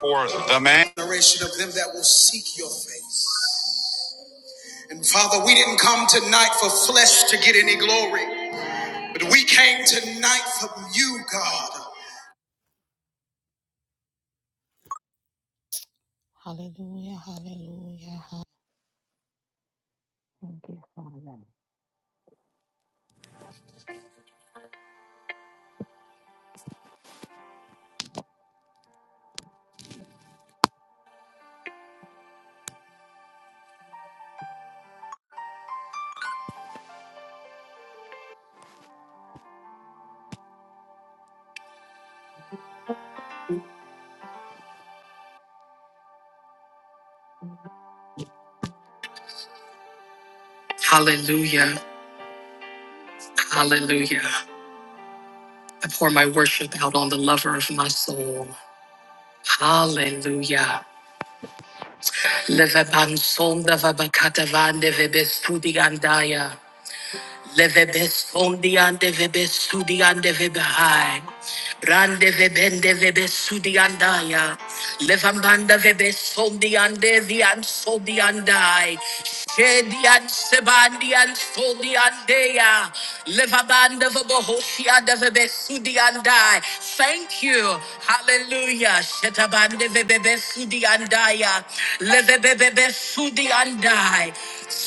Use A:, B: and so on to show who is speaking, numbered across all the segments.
A: for the man. generation of them that will seek your face. And Father, we didn't come tonight for flesh to get any glory, but we came tonight for you, God. Hallelujah, hallelujah, hallelujah. Hallelujah, hallelujah. I pour my worship out on the lover of my soul. Hallelujah. Levabansonda vabakatavande vebestudi gandaya. Levebesondi and Vebesudi and Vebehai. Rande Vebende Vebesudi and Daya. Levambanda Vebesondi and Devi and Sodi and I. Shedi and Sebandi and Sodi and Dea. Levabanda Vebohosia de Vebesudi and I. Thank you. Hallelujah. Shetabande Vebesudi and Daya. Levebebesudi and I high.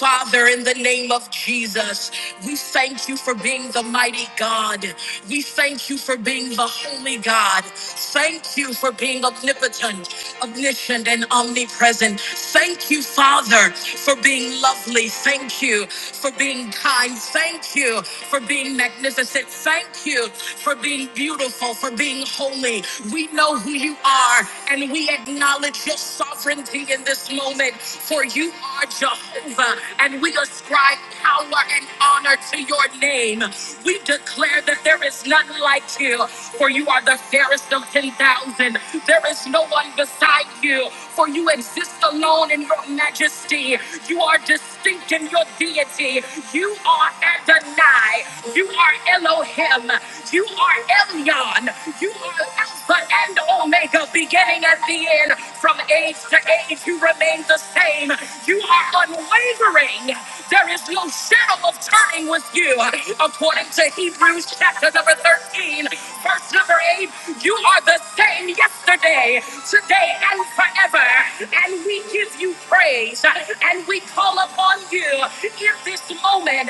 A: Father, in the name of Jesus, we thank you for being the mighty God. We thank you for being the holy God. Thank you for being omnipotent, omniscient, and omnipresent. Thank you, Father, for being lovely. Thank you for being kind. Thank you for being magnificent. Thank you for being beautiful, for being holy. We know who you are, and we acknowledge your sovereignty in this moment, for you are Jehovah, and we ascribe power and honor to your name. We declare that there is none like you, for you are the fairest of 10,000. There is no one beside you, for you exist alone in your majesty. You are distinct in your deity. You are Adonai. You are Elohim. You are Elion. You are Alpha. Alpha and Omega, beginning at the end, from age to age, you remain the same. You are unwavering. There is no shadow of turning with you. According to Hebrews chapter number 13, verse number 8, you are the same yesterday, today, and forever. And we give you praise and we call upon you in this moment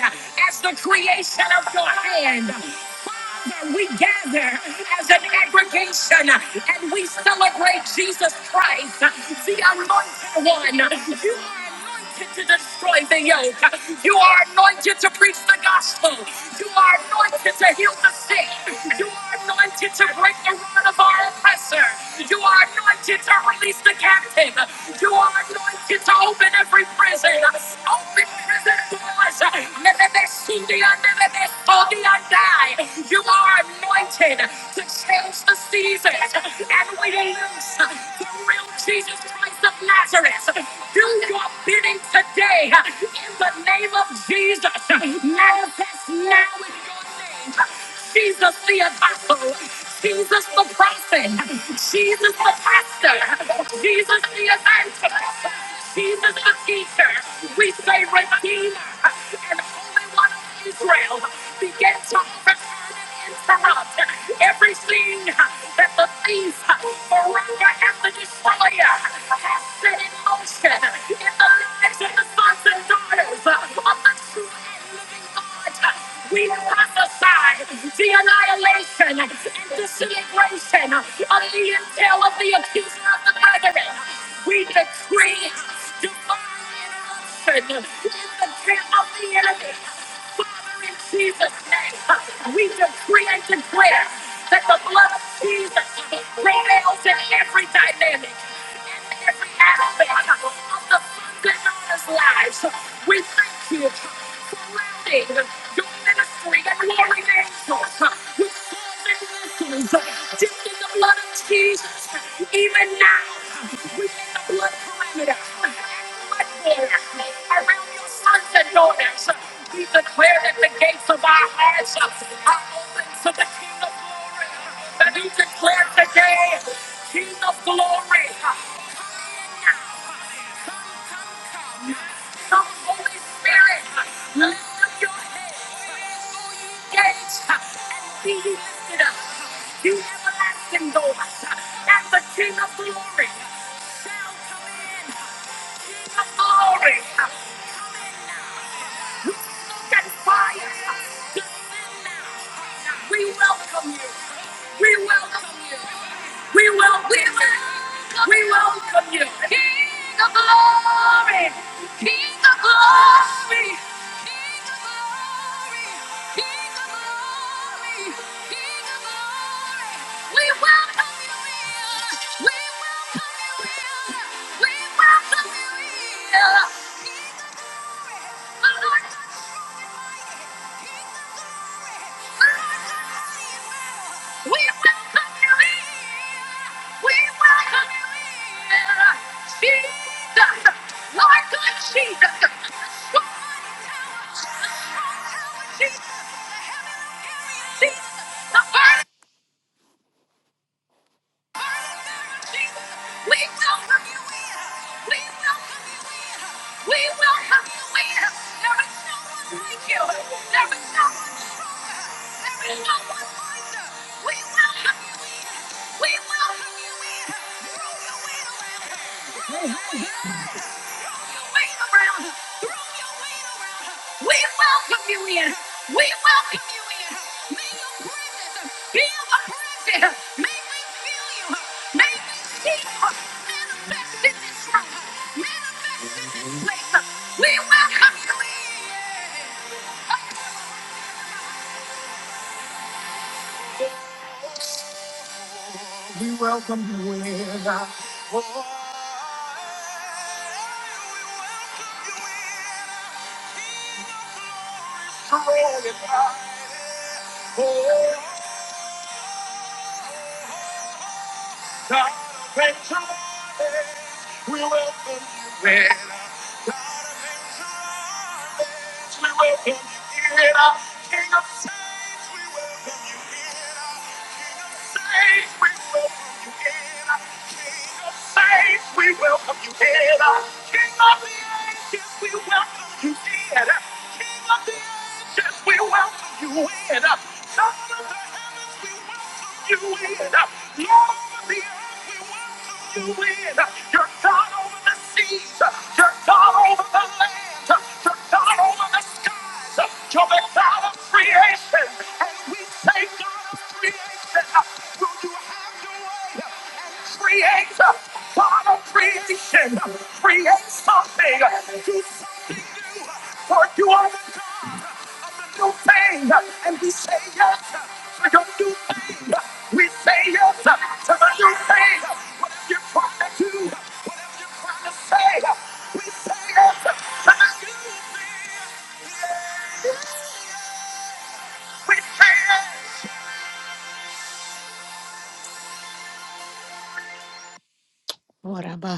A: as the creation of your hand. Father, we gather as an aggregation and we celebrate Jesus Christ, the anointed one. You are anointed to destroy the yoke. You are anointed to preach the gospel. You are anointed to heal the sick. You are anointed to break the rod of our oppressor. You are anointed to release the captive. You are anointed it's open every prison. Open prison doors. Never they see the under, never they saw the undie. You are anointed to change the seasons. And we lose the real Jesus Christ of Nazareth. Do your bidding today in the name of Jesus. Manifest now in your name. Jesus the apostle, Jesus the prophet, Jesus the pastor. Jesus the anointed. Jesus the teacher. We say Redeemer and Holy One of Israel. Begin to overturn and interrupt everything that the thief, Moreover, and the destroyer has set in motion in the lives of the sons and daughters of the true and living God. We prophesy prophesy the annihilation and disintegration of the intel of the accuser of the brethren. We decree divine interruption in the camp of the enemy. Father, in Jesus' name, we decree and declare that the blood of Jesus prevails in every dynamic and every aspect of the Father's lives. We thank you for routing your ministry and warring angels with solving victories, dipped in the blood of Jesus. Even now, within the blood perimeter, and blood border around your sons and daughters, uh, we declare that the gates of our hearts uh, are open to the King of Glory. And we declare today, King of Glory. uh, come now. So, Holy Spirit, lift up your head, engage, and be ye lifted up. You everlasting door, and the King of glory, King of glory, look at fire. We welcome you. We welcome you. We welcome you. We welcome you. King of glory. King of glory. King of glory. King of glory. King of glory. We welcome you here. We welcome you here. We welcome you here. King of glory. We welcome you in. We welcome you in. Jesus, Lord God, Jesus. The Strong tower, the strong tower, Jesus. Jesus, the burden, Jesus. We welcome you in. We welcome you in. We welcome you in. There is no one like you. There is no one stronger. There is no one wiser. We welcome you in. We welcome you in. Throw your weight around. Throw your weight around. Throw your weight around. Throw We welcome you in. We welcome you in. May your presence be oppressive. May we feel you. May we see you. Manifest in this room. Manifest in this place. We welcome you in. God, praise the Lord. We welcome you in. We welcome you in our King of Saints. We welcome you in our King of Saints. We welcome you in our King of the Ages. We welcome you in King of the Ages. We welcome you in Son of the heavens. We welcome you in Lord of the earth. We welcome you win. You're God over the seas. You're God over the land. You're God over the skies. You're the God of creation. And we say, God of creation, will you hide? Create, God of creation. Create something. Do something. For You are the God new thing, and we say yes to your new thing. uh, We say yes to the new thing. uh, Whatever you're trying to do, uh, whatever you're trying to say, uh, we say yes to the new thing. yeah, We say yes. Hallelujah,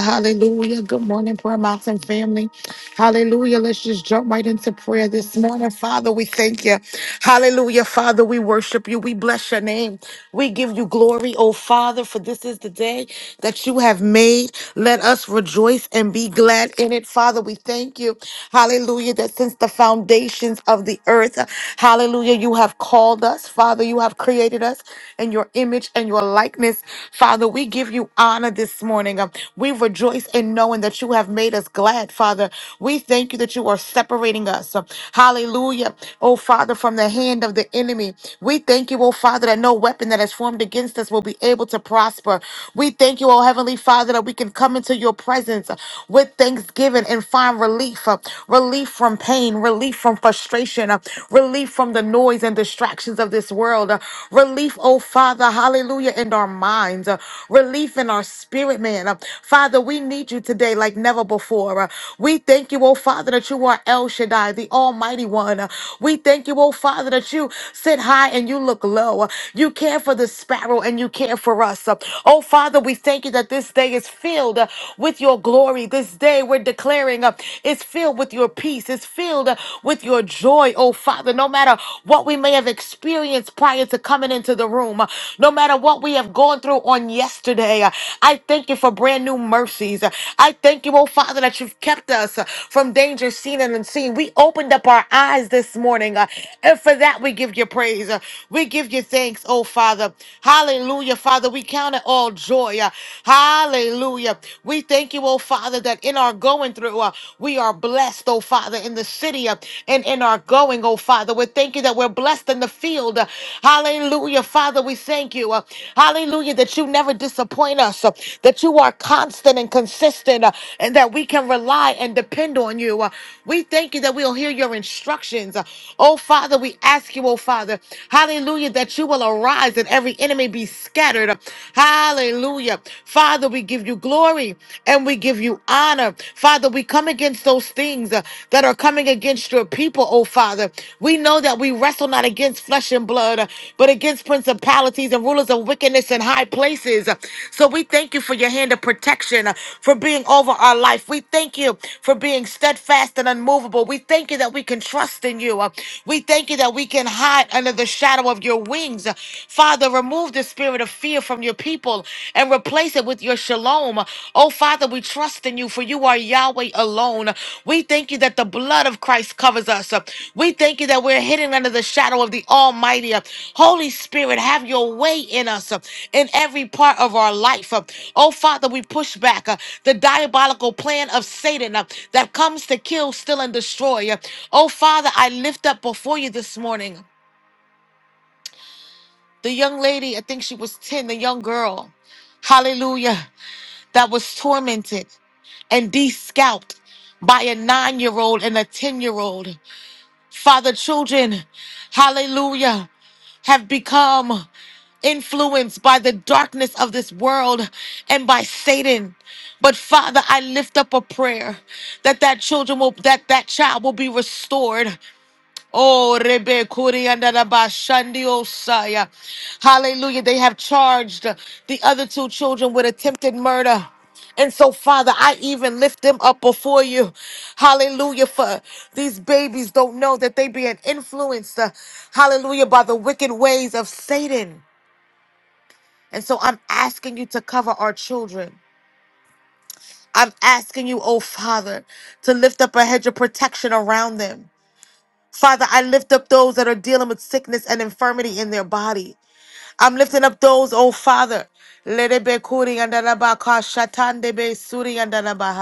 A: hallelujah. Good morning, Prayer Mountain family. Hallelujah. Let's just jump right into prayer this morning. Father, we thank you. Hallelujah, Father, we worship you. We bless your name. We give you glory, oh Father, for this is the day that you have made. Let us rejoice and be glad in it. Father, we thank you. Hallelujah, that since the foundations of the earth, hallelujah, you have called called us. Father, you have created us in your image and your likeness. Father, we give you honor this morning. Um, We rejoice in knowing that you have made us glad, Father. We thank you that you are separating us. Um, Hallelujah. Oh, Father, from the hand of the enemy. We thank you, oh, Father, that no weapon that is formed against us will be able to prosper. We thank you, oh, Heavenly Father, that we can come into your presence with thanksgiving and find relief. uh, Relief from pain, relief from frustration, uh, relief from the noise and distractions of this world, uh, relief, oh Father, hallelujah, in our minds, uh, relief in our spirit, man. Uh, Father, we need you today like never before. Uh, we thank you, oh Father, that you are El Shaddai, the Almighty One. Uh, we thank you, oh Father, that you sit high and you look low. Uh, you care for the sparrow and you care for us. Uh, oh Father, we thank you that this day is filled uh, with your glory. This day we're declaring. uh, it's filled with your peace. It's filled uh, with your joy, oh Father. No matter what we may have experienced prior to coming into the room, uh, no matter what we have gone through on yesterday, uh, I thank you for brand new mercies. Uh, I thank you, oh Father, that you've kept us uh, from danger seen and unseen. We opened up our eyes this morning, uh, and for that we give you praise. Uh, We give you thanks, oh Father. Hallelujah, Father. We count it all joy. uh, Hallelujah. We thank thank you, oh Father, that in our going through, uh, we are blessed, oh Father, in the city uh, and in our going, oh Father. We thank you that we're blessed in the field. Uh, hallelujah, Father, we thank you. Uh, hallelujah, that you never disappoint us, uh, that you are constant and consistent, uh, and that we can rely and depend on you. Uh, we thank you that we'll hear your instructions. Uh, oh Father, we ask you, oh Father, hallelujah, that you will arise and every enemy be scattered. Hallelujah. Hallelujah. Father, we give you glory and we give you honor. Father, we come against those things uh, that are coming against your people, oh Father. We know that we wrestle not against flesh and blood, uh, but against principalities and rulers of wickedness in high places. So we thank you for your hand of protection, uh, for being over our life. We thank you for being steadfast and unmovable. We thank you that we can trust in you. Uh, We thank you that we can hide under the shadow of your wings. Uh, Father, Father, remove the spirit of fear from your people and replace it with your shalom. Oh, Father, we trust in you, for you are Yahweh alone. We thank you that the blood of Christ covers us. We thank you that we're hidden under the shadow of the Almighty. Holy Spirit, have your way in us uh, in every part of our life. uh. Oh, Father, we push back uh, the diabolical plan of Satan uh, that comes to kill, steal, and destroy. uh. Oh, Father, I lift up before you this morning the young lady, I think she was 10, the young girl, hallelujah, that was tormented and de scalped by a nine year old and a 10 year old. Father, children, hallelujah, have become influenced by the darkness of this world and by Satan. But Father, I lift up a prayer that that children will that that child will be restored. Oh, Rebe Kuri and Bashandi Osaya. Hallelujah. They have charged the other two children with attempted murder. And so, Father, I even lift them up before you. Hallelujah. For these babies don't know that they being influenced, uh, hallelujah, by the wicked ways of Satan. And so I'm asking you to cover our children. I'm asking you, oh Father, to lift up a hedge of protection around them. Father, I lift up those that are dealing with sickness and infirmity in their body. I'm lifting up those, oh Father. Lebe kuri andalaba ka shatan debe suri andalaba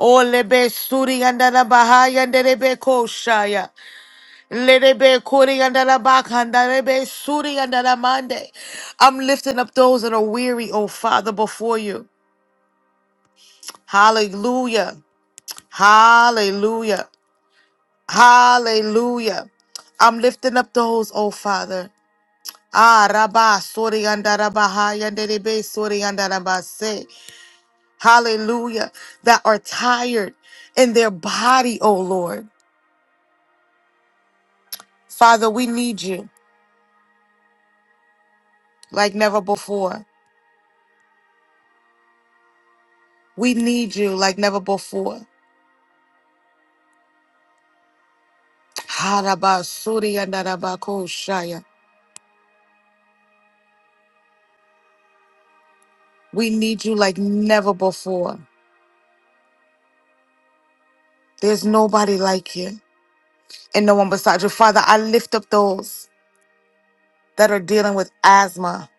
A: O lebe suri andalaba haya ko shaya. Lebe kuri andalaba kandarebe suri andalamande. I'm lifting up those that are weary, oh Father, before you. Hallelujah. Hallelujah. Hallelujah. I'm lifting up those, oh Father. Ah, Rabba, Sori Andarabaha, Yanderebe, Sori Andarabase. Hallelujah. That are tired in their body, oh Lord. Father, we need you like never before. We need you like never before. Haraba, Sori Andarabako, Shaya. We need you like never before. There's nobody like you and no one beside you. Father, I lift up those that are dealing with asthma,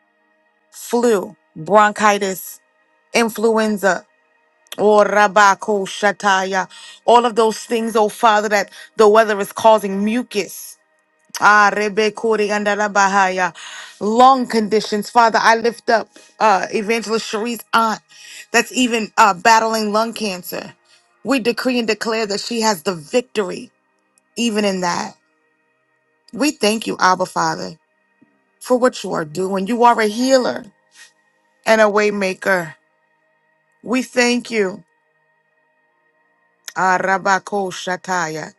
A: flu, bronchitis, influenza Oh, Rabako Shataya. All of those things, oh Father, that the weather is causing mucus. Ah, Rebekori and Bahaya. Lung conditions. Father, I lift up uh, Evangelist Cherie's aunt that's even uh, battling lung cancer. We decree and declare that she has the victory, even in that. We thank you, Abba Father, for what you are doing. You are a healer and a waymaker. We thank you. Ah, Rabako Shataya.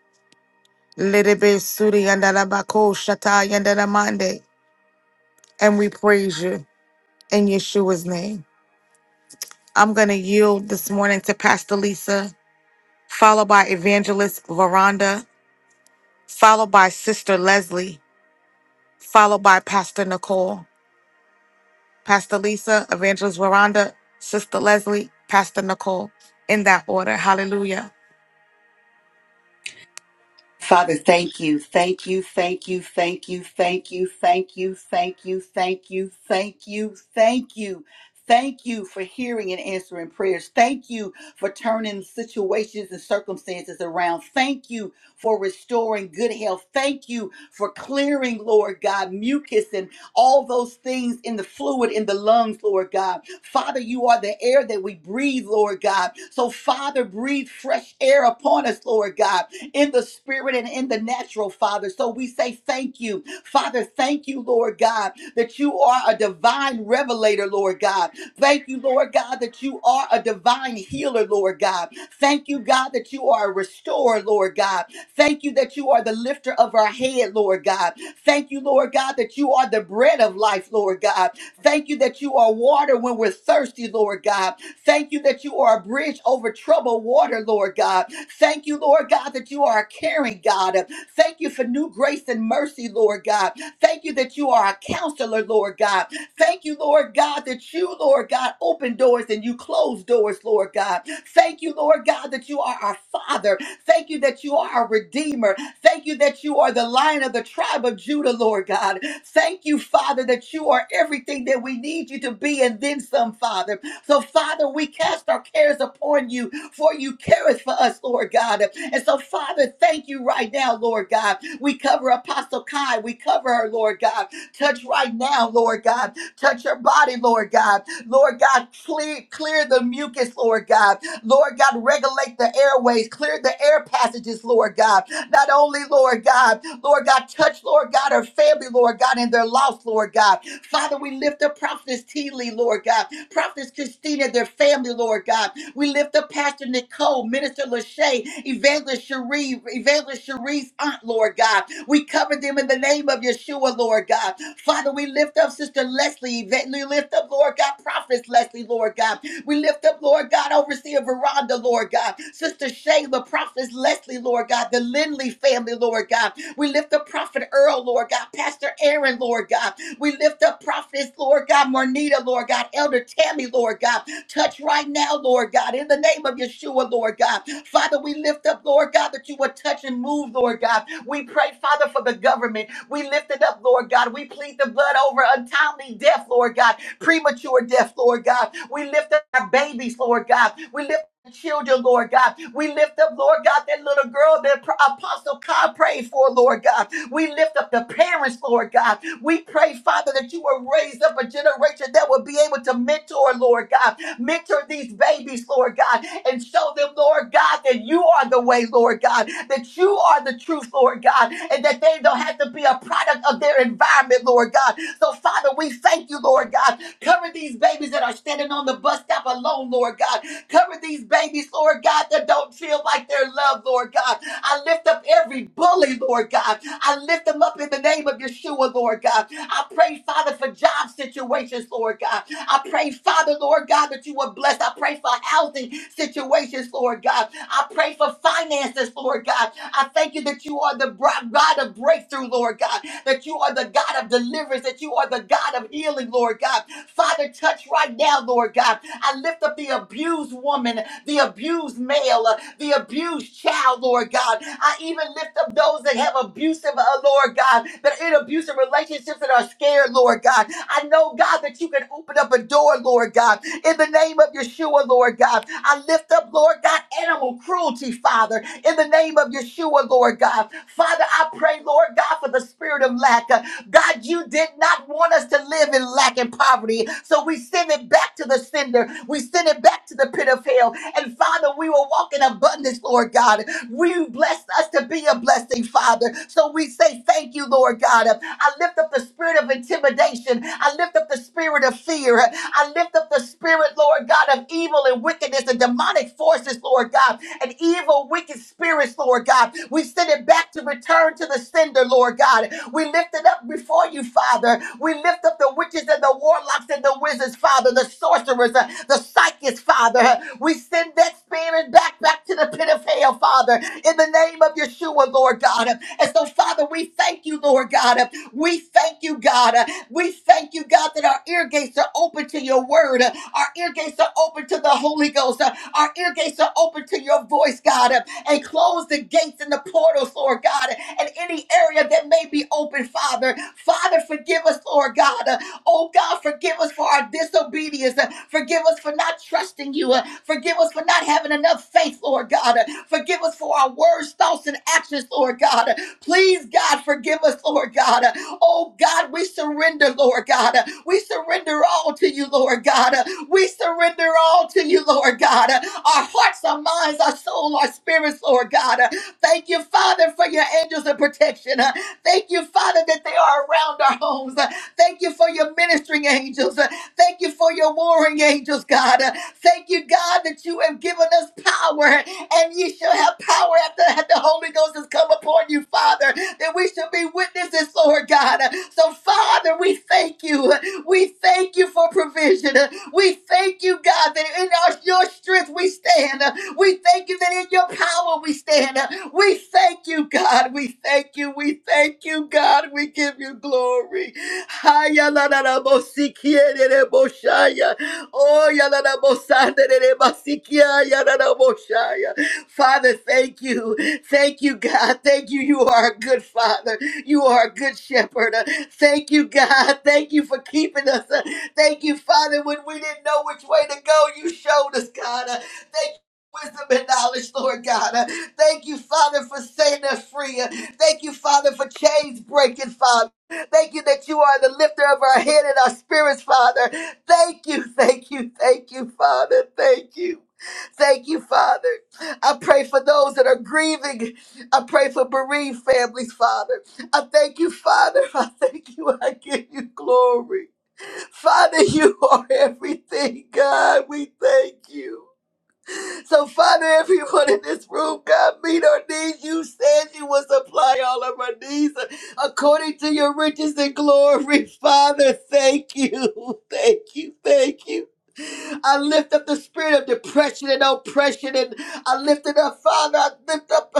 A: Lelebe suri yandara bako shata yandara mande. And we praise you in Yeshua's name. I'm going to yield this morning to Pastor Lisa, followed by Evangelist Veranda, followed by Sister Leslie, followed by Pastor Nicole. Pastor Lisa, Evangelist Veranda, Sister Leslie, Pastor Nicole, in that order. Hallelujah.
B: Father, thank you, thank you, thank you, thank you, thank you, thank you, thank you, thank you, thank you, thank you. Thank you for hearing and answering prayers. Thank you for turning situations and circumstances around. Thank you for restoring good health. Thank you for clearing, Lord God, mucus and all those things in the fluid in the lungs, Lord God. Father, you are the air that we breathe, Lord God. So, Father, breathe fresh air upon us, Lord God in the spirit and in the natural, Father. So we say thank you. Father, thank you, Lord God, that you are a divine revelator, Lord God. Thank you, Lord God, that you are a divine healer, Lord God. Thank you, God, that you are a restorer, Lord God. Thank you that you are the lifter of our head, Lord God. Thank you, Lord God, that you are the bread of life, Lord God. Thank you that you are water when we're thirsty, Lord God. Thank you that you are a bridge over troubled water, Lord God. Thank you, Lord God, that you are a caring God. Thank you for new grace and mercy, Lord God. Thank you that you are a counselor, Lord God. Thank you, Lord God, that you that you, Lord God, open doors and you close doors, Lord God. Thank you, Lord God, that you are our Father. Thank you that you are our Redeemer. Thank you that you are the Lion of the tribe of Judah, Lord God. Thank you, Father, that you are everything that we need you to be and then some, Father. So, Father, we cast our cares upon you, for you careth for us, Lord God. And so, Father, thank you right now, Lord God. We cover Apostle Kai. We cover her, Lord God. Touch right now, Lord God. Touch her body, Lord God. Lord God, clear, clear the mucus, Lord God. Lord God, regulate the airways, clear the air passages, Lord God. Not only, Lord God, Lord God, touch, Lord God, her family, Lord God, and their loss, Lord God. Father, we lift up Prophetess T. Lee, Lord God. Prophetess Christina, their family, Lord God. We lift up Pastor Nicole, Minister Lachey, Evangelist Cherie, Evangelist Cherie's aunt, Lord God. We cover them in the name of Yeshua, Lord God. Father, we lift up Sister Leslie. Yvette. We lift up, Lord God, Prophet Leslie, Lord God. We lift up, Lord God, Overseer Veranda, Lord God. Sister Shayla, Prophet Leslie, Lord God. The Lindley family, Lord God. We lift up Prophet Earl, Lord God. Pastor Aaron, Lord God. We lift up Prophetess, Lord God, Marnita, Lord God. Elder Tammy, Lord God. Touch right now, Lord God, in the name of Yeshua, Lord God. Father, we lift up, Lord God, that you would touch and move, Lord God. We pray, Father, for the government. We lift it up, Lord God. We plead the blood over untimely death, Lord God, premature death, Lord God. We lift up our babies, Lord God. We lift up children, Lord God. We lift up, Lord God, that little girl that Pro- Apostle Cobb prayed for, Lord God. We lift up the parents, Lord God. We pray, Father, that you will raise up a generation that will be able to mentor, Lord God Mentor these babies, Lord God, and show them, Lord God, that you are the way, Lord God, that you are the truth, Lord God, and that they don't have to be a product of their environment, Lord God. So, Father, we thank you, Lord God. Cover these babies that are standing on the bus stop alone, Lord God. Cover these babies, Lord God, that don't feel like they're loved, Lord God. I lift up every bully, Lord God. I lift them up in the name of Yeshua, Lord God. I pray, Father, for job situations, Lord God. I pray, Father, Lord God, that you would bless. I pray for housing situations, Lord God. I pray for finances, Lord God. I thank you that you are the bri- God of breakthrough, Lord God. That you are the God of deliverance. That you are the God of healing, Lord God. Father, touch right now, Lord God. I lift up the abused woman, the abused male, uh, the abused child, Lord God. I even lift up those that have abusive, uh, Lord God, that that are in abusive relationships that are scared, Lord God. I know, God, that you can open up a door, Lord God, in the name of Yeshua, Lord God. I lift up, Lord God, animal cruelty, Father, in the name of Yeshua, Lord God. Father, I pray, Lord God, for the spirit of lack. Uh, God, you did not want us to live in lack and poverty, so we send it back to the sender. We send it back to the pit of hell. And Father, we will walk in abundance, Lord God. You blessed us to be a blessing, Father. So we say thank you, Lord God. I lift up the spirit of intimidation. I lift up the spirit of fear. I lift up the spirit, Lord God, of evil and wickedness and demonic forces, Lord God, and evil, wicked spirits, Lord God. We send it back to return return to the sender, Lord God. We lift it up before you, Father. We lift up the witches and the warlocks and the wizards, Father, the sorcerers, uh, the psychics, Father. Uh, We send that spirit back, back to the pit of hell, Father, in the name of Yeshua, Lord God. Uh, And so, Father, we thank you, Lord God. Uh, We thank you, God. Uh, We thank you, God, that our ear gates are open to your word. Uh, Our ear gates are open to the Holy Ghost. Uh, Our ear gates are open to your voice, God and close the gates and the portals, Lord God, and any area that may be open, Father. Father, forgive us, Lord God. Uh, Oh God, forgive us for our disobedience. Uh, Forgive us for not trusting you. Uh, Forgive us for not having enough faith, Lord God. Uh, Forgive us for our words, thoughts, and actions, Lord God. Uh, Please, God, forgive us, Lord God. Uh, Oh God, we surrender, Lord God. Uh, We surrender all to you, Lord God. We surrender all to you, Lord God. Our hearts, our minds, our soul, our spirits, Lord God. Thank you, Father, for your angels of protection. Thank you, Father, that they are around our homes. Thank you for your ministering angels. Thank you for your warring angels, God. Thank you, God, that you have given us power and ye shall have power after that the Holy Ghost has come upon you, Father, that we shall be witnesses, Lord God. So, Father, we thank you. We thank you for provision. We thank you, God, that in our, your strength we stand. We thank you that in your power we stand. We thank you, God. We thank you. We thank you, God. We give you glory. Haya la la la bo si kie de bo shaya. Oh, ya la la bo san de de ba si kia ya la la bo shaya. Father, thank you. Thank you, God. Thank you. You are a good father. You are a good shepherd. Thank you, God. Thank you for keeping us. Thank you, Father, when we didn't know which way to go, you showed us, God. Uh, Thank you. for Wisdom and knowledge, Lord God. Uh, Thank you, Father, for setting us free. Uh, Thank you, Father, for chains breaking, Father. Thank you that you are the lifter of our head and our spirits, Father. Thank you, thank you, thank you, Father. Thank you. Thank you, Father. I pray for those that are grieving. I pray for bereaved families, Father. I thank you, Father. I thank you. I give you glory. Father, you are everything, God. We thank you. So, Father, everyone in this room, God, meet our needs. You said you would supply all of our needs according to your riches and glory. Father, thank you. Thank you. Thank you. I lift up the spirit of depression and oppression, and I lift it up, Father. I lift up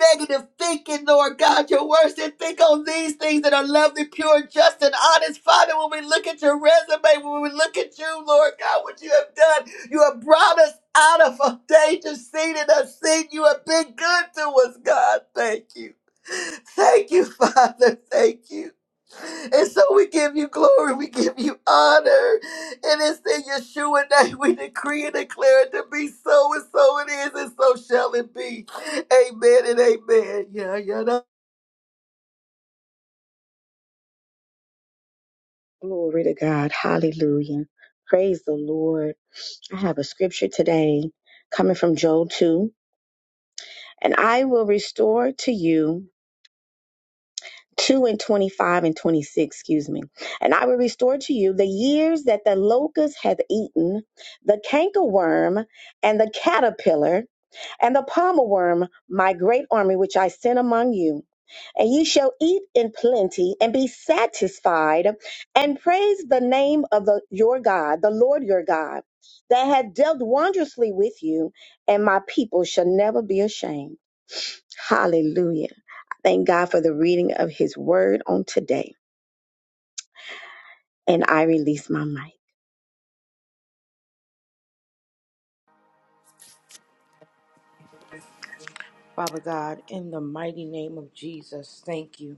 B: negative thinking, Lord God. Your word said, think on these things that are lovely, pure, just, and honest. Father, when we look at your resume, when we look at you, Lord God, what you have done, you have brought us out of a danger, seen and unseen. You have been good to us, God. Thank you. Thank you, Father. Thank you. And so we give you glory, we give you honor. And it's in Yeshua name we decree and declare it to be so, and so it is, and so shall it be. Amen and amen. Yeah, yeah. no.
C: Glory to God. Hallelujah. Praise the Lord. I have a scripture today coming from Joel 2. And I will restore to you 2 and 25 and 26, excuse me. And I will restore to you the years that the locust hath eaten, the cankerworm and the caterpillar and the palmer worm, my great army which I sent among you. and you shall eat in plenty and be satisfied and praise the name of the, your God, the Lord your God, that had dealt wondrously with you, and my people shall never be ashamed. Hallelujah. I Thank God for the reading of his word on today. And I release my mic.
D: Father God, in the mighty name of Jesus, thank you.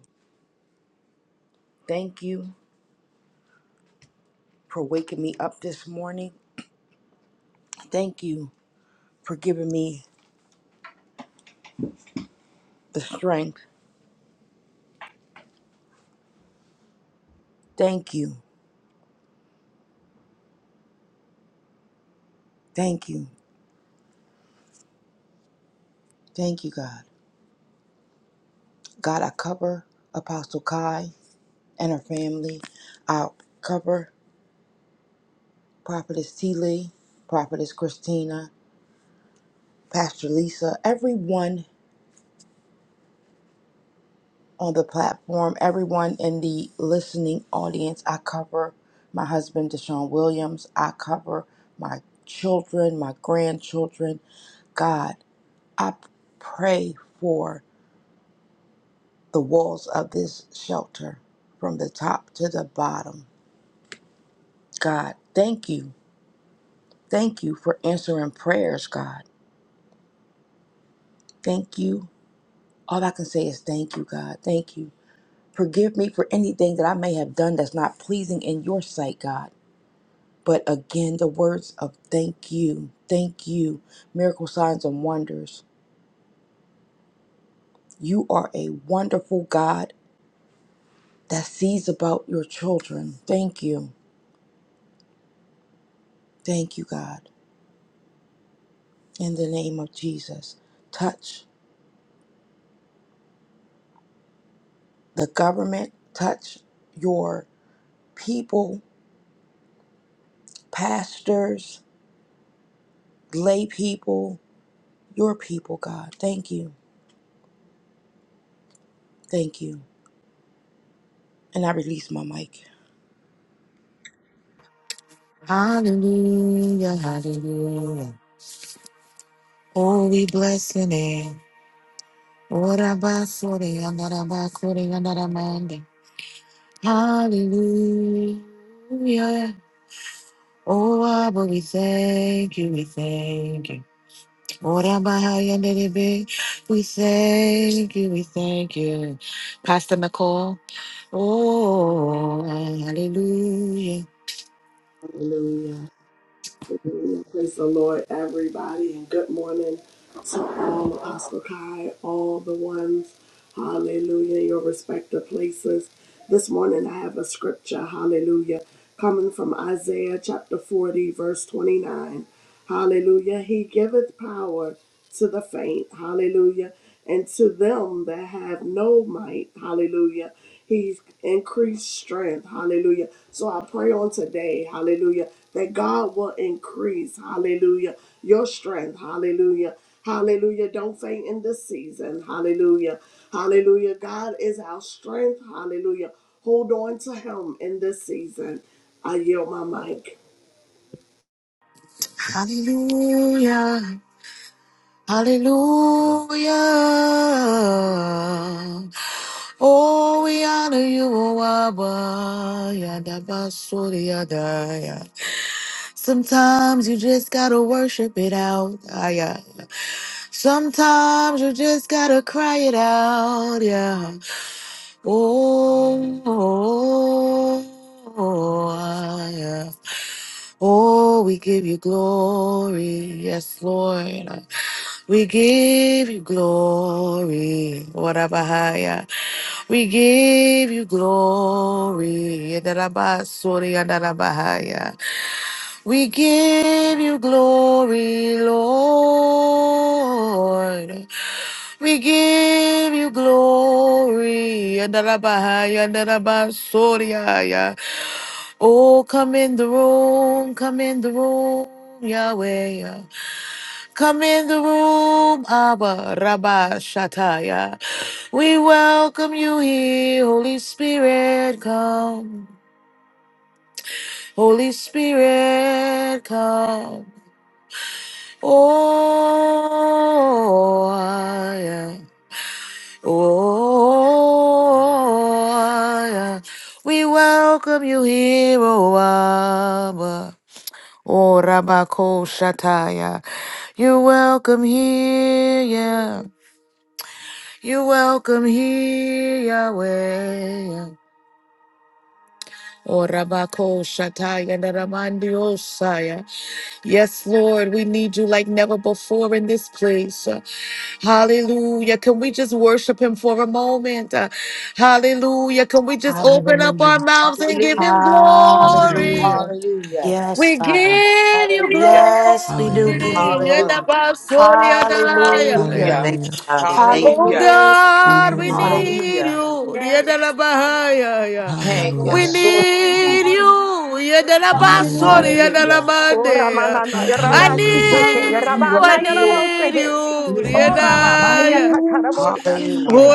D: Thank you for waking me up this morning. Thank you for giving me the strength. Thank you. Thank you. Thank you, God. God, I cover Apostle Kai and her family. I cover Prophetess T. Lee, Prophetess Christina, Pastor Lisa, everyone on the platform, everyone in the listening audience. I cover my husband, Deshaun Williams. I cover my children, my grandchildren. God, I pray for the walls of this shelter from the top to the bottom. God, thank you. Thank you for answering prayers, God. Thank you. All I can say is thank you, God. Thank you. Forgive me for anything that I may have done that's not pleasing in your sight, God. But again, the words of thank you, thank you, miracle signs and wonders. You are a wonderful God that sees about your children. Thank you. Thank you, God. In the name of Jesus, touch the government, touch your people, pastors, lay people, your people, God. Thank you. Thank you. And I release my mic.
A: Hallelujah, hallelujah. Oh, we bless your name. Ora basore andara bakore andara mande. Hallelujah. Oh, Abba, we thank you, we thank you. Ora bahaya nerebe. We thank you, we thank you. Pastor McCall. Oh, hallelujah.
E: Hallelujah. Hallelujah. Praise the Lord, everybody, and good morning to all Apostle Kai, all the ones. Hallelujah, your respective places. This morning I have a scripture, hallelujah, coming from Isaiah chapter 40, verse 29. Hallelujah. He giveth power to the faint, hallelujah, and to them that have no might, hallelujah. He's increased strength. Hallelujah. So I pray on today, hallelujah, that God will increase, hallelujah, your strength. Hallelujah. Hallelujah. Don't faint in this season. Hallelujah. Hallelujah. God is our strength. Hallelujah. Hold on to him in this season. I yield my mic.
A: Hallelujah. Hallelujah. Oh, we honor you, O Abba. Yadabasuri Yadaya. Sometimes you just gotta worship it out. Ah, yeah. Sometimes you just gotta cry it out. Yeah. Oh, oh, oh, ah, yeah. Oh, we give you glory. Yes, Lord. We give you glory. Warabahaya. We give you glory. Yedarabasuri yandarabahaya. We give you glory, Lord. We give you glory. Yandarabahaya, yandarabasuriaya. Oh, come in the room, come in the room, Yahweh. yeah. Come in the room, Abba, Rabba, Shataya. We welcome you here, Holy Spirit, come. Holy Spirit, come. Oh, ah, yeah. Oh, ah, yeah. We welcome you here, O Abba. Oh, Rabako Shataya. You're welcome here, yeah. You're welcome here, Yahweh. Oh, Rabako Shataya, Naramandi Osaya. Yes, Lord, we need you like never before in this place. Hallelujah. Can we just worship him for a moment? Uh, Hallelujah. Can we just open up our
F: Hallelujah.
A: mouths and give
D: Hallelujah.
A: him
G: Hallelujah.
A: glory?
F: Hallelujah.
D: Hallelujah.
F: Yes,
A: We
F: Father.
A: give you
D: Hallelujah.
A: glory.
F: Yes, we do give
G: Hallelujah.
F: you
D: Hallelujah.
F: glory.
A: Yedabasoriadaya.
F: Hallelujah.
B: Thank
D: Hallelujah.
B: you,
G: Hallelujah.
B: Father. Thank you.
A: Oh
D: Hallelujah.
F: Hallelujah,
B: Thank you.
A: God, we
G: Hallelujah.
F: Father.
A: need
D: Hallelujah.
A: you.
F: Yes, Father.
A: Yedalabahaya.
D: Thank
F: Father.
D: you,
A: We
G: Hallelujah.
D: God.
H: Basora.
C: Thank you,
A: need
C: Jesus.
A: you.
F: Hallelujah, Father.
G: Hallelujah.
H: Hallelujah.
D: Hallelujah.
F: Yes, Father.
C: Oh,
A: Yedalabasoriadalamande.
C: Ramanana,
H: Yes,
F: Hallelujah.
A: I
H: Lord.
F: Hallelujah,
G: Hallelujah.
C: Rabasikete,
F: Father.
H: We
A: need you. I
H: worship
C: Rabana,
H: you, Lord.
A: need
C: Yarabosehe.
F: Yes,
H: We
F: Father.
A: you.
G: Thank you,
H: read
C: Oh,
H: you,
F: Hallelujah.
H: Lord.
C: Rababa,
G: Father.
A: Yedaya.
H: Hallelujah.
F: Yes,
C: Yakataraboshata.
H: Amen.
D: Hallelujah.
F: Father.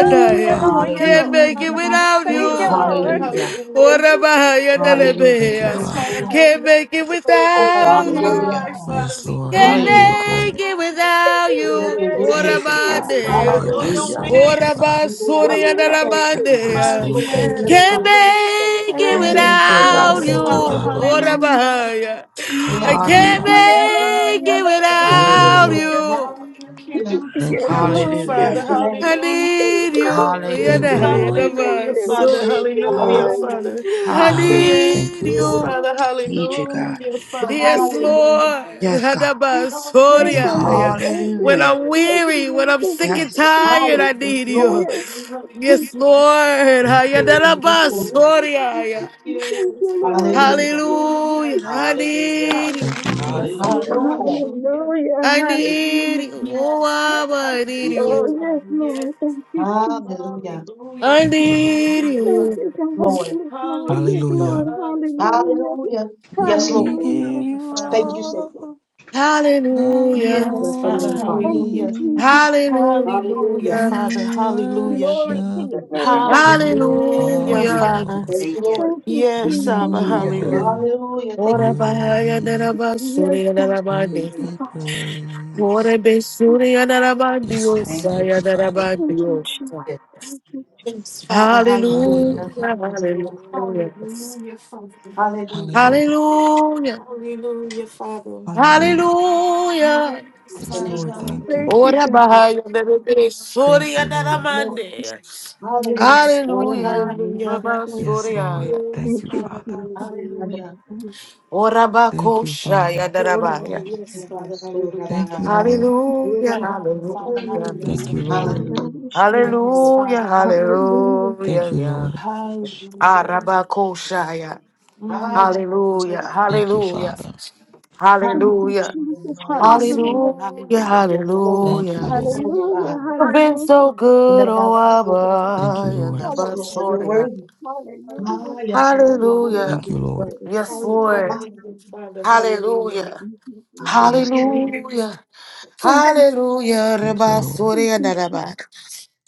G: Thank you,
C: yellow,
G: Father.
D: Hallelujah.
A: Can't
C: yellow.
F: Hallelujah.
A: make it
H: Hallelujah.
A: without
C: Thank
F: Hallelujah,
C: you,
A: you.
F: Father.
H: Basora.
C: Lord.
D: Hallelujah.
F: Hallelujah.
C: Thank you.
G: Thank
D: Hallelujah.
G: you,
F: Yes,
H: Yes,
F: Father,
G: Father.
H: Lord.
A: Can't make it
F: hallelujah.
C: Thank
F: Oh
A: without you.
D: Hallelujah.
F: my
H: Abasora.
F: Father,
G: Yes,
F: we
G: Lord.
H: We
A: Can't
F: cannot.
G: You
H: need
G: are
D: Hallelujah.
H: you,
C: you.
H: Father.
G: great.
A: make it
F: Hallelujah.
C: Thank
A: without
C: you,
H: Lord,
A: you.
C: Lord.
H: you're
C: Thank
H: worthy.
C: you,
D: Thank you,
F: Yes,
D: God.
C: Jesus.
F: Father,
A: Orabandeya.
F: blow
H: Hallelujah.
F: your
D: Hallelujah.
F: wind.
G: Adiabasoredebai.
H: We do
C: Thank you,
H: our Lord.
C: Lord.
D: Thank
C: Thank
D: you,
C: you,
F: Hallelujah.
D: God.
C: Jesus.
G: Yes,
H: Yes,
F: Father,
A: Orabasuriandalabandeya.
G: Lord.
H: Lord. We
C: Thank
G: Thank
C: you,
F: yes,
H: bless
G: you.
A: Can't
H: you.
F: Father.
C: Lord. Thank
A: make
C: you,
F: Hey,
A: it
C: Jesus.
D: Thank
C: Thank
D: you,
H: Hallelujah.
C: you,
A: without
D: God.
F: Yes,
H: We
A: you.
G: Thank
H: honor
G: you,
C: Lord.
F: Father,
H: you,
C: Thank
G: Abba.
C: you,
H: Father.
C: Lord.
F: hallelujah.
A: Orabahaya.
G: Thank
A: I
G: you,
H: Thank you,
F: Yes,
A: can't
G: Abba.
H: Father.
D: Hallelujah.
F: Father,
C: Yeah, Lord.
A: make
C: Yeah,
A: it
F: hallelujah.
C: Lord.
G: Thank
H: Yes,
G: you,
D: Hallelujah.
A: without
G: Lord.
H: Lord.
F: Yeah,
A: you.
F: I can't
H: Hallelujah.
F: do this
G: Thank you,
C: Yes,
F: without you,
G: Lord.
C: Lord.
H: We bless
F: Father.
D: Hallelujah.
C: Thank
B: God.
H: your
C: you,
H: name,
A: I
C: Jesus. Thank
A: need
C: you.
F: Hallelujah.
A: you.
C: Thank
G: Thank
C: you,
G: you,
D: Hallelujah.
C: Lord.
G: Lord.
C: Thank
F: Hallelujah,
C: you.
H: Lord.
F: Father.
A: Yadahayadabaso.
C: Thank you,
F: Hallelujah,
D: Ha.
C: Lord.
H: Hallelujah.
F: Father.
C: Yes,
A: I
D: Ha.
C: Lord.
G: Ah,
F: Yes,
G: thank
A: need
G: you,
C: Yes,
A: you.
G: Lord.
C: Lord.
F: Father,
D: Need you, God.
F: hallelujah, Father.
A: Yes,
C: Thank you,
H: Hallelujah.
A: Lord.
D: Yes, God.
F: Hallelujah,
H: Bless
C: Thank
H: your
G: Thank
C: you,
G: you,
A: Hadabasoria,
H: name,
A: yeah.
C: Lord.
G: Lord.
F: Father,
H: God.
C: Thank
A: When
C: you.
D: Hallelujah.
A: I'm
F: yes.
C: Yes,
A: weary, when
C: Lord.
A: I'm
C: Thank
A: sick
C: you.
A: and
D: Yes.
A: tired,
H: Higher,
A: I
H: yes,
A: need
H: Lord.
A: you.
C: Jesus.
F: Father,
C: Yes.
A: Yes,
F: hallelujah.
A: Lord.
G: Thank you,
C: Thank
H: Thank
G: Lord.
H: you for
F: Father,
H: you.
A: Hayadarabasoria,
B: Thank you.
A: yeah.
F: Yes,
C: you,
F: Father,
C: Lord.
H: Hallelujah.
F: hallelujah.
A: Hallelujah. I
D: Hallelujah.
A: need you.
G: Thank you,
F: Hallelujah,
H: Lord.
G: Lord.
F: Father,
D: Hallelujah.
H: Hallelujah.
F: hallelujah.
C: Hallelujah.
A: I
C: Hallelujah.
A: need you. Oh,
F: Yes, Father,
A: Abba, I need
B: Thank you. Thank you. Thank you.
F: hallelujah,
C: Oh,
A: you.
F: Father,
C: yes, Lord.
F: yes.
C: Thank you, Jesus.
H: Hallelujah.
F: Hallelujah,
A: I
G: Thank you, Lord.
A: need
F: hallelujah,
C: Thank
A: you.
C: you,
F: Father.
C: God.
H: Lord.
C: Yes, Lord. Yes,
F: Hallelujah,
G: Hallelujah.
C: Lord.
F: Father, Father.
C: Hallelujah.
H: Hallelujah.
G: We
H: Yes,
G: give
H: Lord.
C: Hallelujah.
F: Hallelujah,
G: you
H: Thank
F: Father.
H: you, Savior.
G: all the
A: Hallelujah.
F: Yes,
H: Bless your
F: Father,
H: name, Father.
C: Thank you,
F: hallelujah.
C: Jesus.
G: glory.
F: Hallelujah,
H: Hallelujah.
A: Hallelujah.
F: Father.
G: We
F: Hallelujah.
C: Glory to
G: worship
C: your
H: Thank you,
C: name,
H: Savior.
C: God.
G: you,
F: Hallelujah,
G: our
A: Hallelujah.
F: Father.
G: Lord.
H: Thank you,
B: Thank you.
H: Lord.
C: Thank you,
F: Yes,
C: Jesus.
F: Abba.
G: You
C: Yes,
B: Hallelujah.
C: Lord.
G: are
F: Hallelujah.
H: Hallelujah. Thank
A: Ora
H: you, Father.
A: bahaya
G: worthy
C: Yes, God. Thank
G: to
A: darabasuri
C: you,
G: be
C: Father.
G: praised.
A: Orebesuri
G: Yes, Lord.
A: adarabandiosa,
B: Thank you.
G: Thank you,
B: Thank
G: Father.
C: Thank you, Jesus.
A: adarabandiosa.
B: you.
F: Yes, Father. Hallelujah.
G: Hallelujah.
A: Hallelujah,
H: Yes, Lord.
A: hallelujah,
F: Hallelujah, Father.
H: Hallelujah.
G: Hallelujah.
A: hallelujah,
F: Hallelujah, Father.
G: Hallelujah.
A: hallelujah.
F: Yes,
H: Bless your
G: Yes,
F: Father.
H: name,
G: Lord.
H: Father.
G: Thank
C: Thank
G: you.
F: Hallelujah.
C: you,
A: Ora
C: God.
H: Hallelujah.
A: bahaya derebesuri
G: Thank you,
H: Yes,
G: Lord.
H: Lord.
A: adaramande.
H: Hallelujah.
F: Yes, Father.
A: Hallelujah,
F: Hallelujah.
C: Hallelujah.
G: Yes,
A: Rabasuri
G: Lord.
A: aya.
F: Yes,
G: Thank you,
C: Thank you,
F: Father.
G: Father.
C: Jesus.
F: Hallelujah.
H: Hallelujah.
C: Hallelujah.
A: Ora
G: Thank you,
A: bakosha
G: Father.
C: Ora,
F: Mama,
A: adarabaya.
F: Yes, Father.
H: Yes,
F: Hallelujah.
G: Thank you,
H: Lord.
G: Lord.
A: Hallelujah,
C: ora,
F: Mama, Father.
A: hallelujah,
H: Hallelujah.
G: Thank
F: Hallelujah.
G: you,
C: ora,
G: Lord.
H: Hallelujah. Yes,
F: Yes,
H: Lord.
A: hallelujah,
F: Father. Hallelujah.
C: Hallelujah.
G: Thank you,
A: hallelujah.
G: Lord.
F: Hallelujah.
H: Mm.
A: Arabakoshaya.
H: Ah, yes,
F: Mm.
H: Lord.
A: Hallelujah.
G: Thank you,
A: Hallelujah.
G: Father.
C: Thank you,
A: Hallelujah.
H: Hallelujah.
C: Jesus.
F: Yes,
H: Hallelujah.
C: Hallelujah.
F: Father,
A: Hallelujah.
F: hallelujah.
H: Yes, Lord. I
G: Thank
C: Hallelujah.
G: you,
A: Hallelujah.
G: Lord.
H: call
F: Hallelujah.
H: you
C: Hallelujah.
H: by.
F: Father,
A: You've been so
H: And that
A: good,
H: I
A: oh
F: we
H: call you by.
F: just
G: Thank
A: Abba.
G: you,
C: Hallelujah.
A: and
G: Lord.
H: Yes,
F: hallelujah.
A: Abba,
H: Lord. You're
A: sorry.
C: Hallelujah.
H: worthy.
C: Hallelujah.
H: Ah,
F: Hallelujah.
H: yes, Lord. You're worthy
A: Hallelujah.
G: Thank
H: to
G: you,
H: be
G: Lord.
H: praised.
A: Yes,
C: Hallelujah.
A: Lord.
F: Hallelujah.
H: Hallelujah.
F: Father, hallelujah.
A: Hallelujah.
C: Thank you,
H: Ah,
C: Jesus.
H: yes, Lord.
F: Hallelujah.
A: Hallelujah.
C: Thank you.
A: Hallelujah.
G: Thank you,
A: Reba
G: Lord.
C: Thank
A: Surya
C: you,
A: Naraba.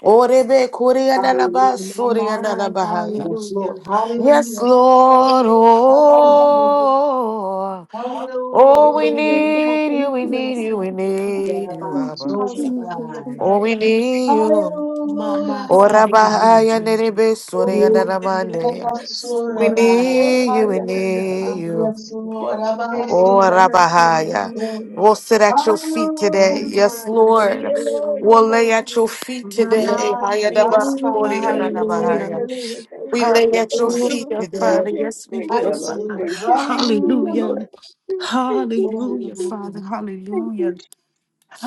A: Orebe Korea Naraba
H: Hallelujah.
F: My,
A: Surya
F: my,
A: Narabahaya.
H: Yes, Lord.
F: hallelujah.
A: Yes,
H: Hallelujah.
F: Hallelujah. Yes,
A: Lord.
H: Hallelujah.
C: Jesus.
A: Oh. Oh, we
H: Hallelujah.
C: Thank God.
A: need you,
C: Thank
A: we
C: you.
A: need you, we
H: Yeah,
F: Father.
A: need
H: that
A: you,
H: I
C: Thank
A: Abba.
C: you,
H: call you
C: Jesus.
F: Hallelujah,
H: by.
C: Thank
A: Oh,
F: Father.
A: we need you.
F: My, my,
H: Hallelujah.
A: Ora
F: Father,
C: you,
A: bahaya
C: Jesus.
F: you.
A: nerebe
C: Or
A: sore andaramande.
F: Yes.
A: We
H: Hallelujah.
A: need you, we
F: Hallelujah,
A: need
F: Father.
A: you.
H: Yes, Lord, I
A: Oh,
H: see
F: Yes,
A: Rabahaya. We'll
F: hallelujah.
A: sit at your feet today.
H: Hallelujah.
A: Yes,
F: Mama, yes,
H: hallelujah.
F: he
A: Lord.
C: Yellow,
F: will.
A: We'll
C: yellow,
A: lay at your feet
H: Yes,
A: today.
F: Mama,
H: Lord.
F: yes,
A: Hayadaba,
F: Father,
C: yes,
H: Hallelujah.
C: thank
F: hallelujah.
A: Koriyadarabahaya.
C: you, Lord, thank
A: We
C: you,
A: lay at
H: Yes,
A: your
C: thank
H: Father.
C: you,
A: feet
C: Lord,
F: Hallelujah,
A: today.
F: Father.
C: thank you,
F: Yes, we
C: thank
H: Ah,
F: will,
C: you,
H: Yes,
C: Lord,
F: Father.
H: Lord.
C: thank you, thank you, Lord,
F: Hallelujah.
H: Hallelujah.
C: thank you, thank you,
F: Hallelujah,
C: Jesus,
F: Father.
H: Hallelujah.
C: thank
F: Hallelujah.
C: you, Je-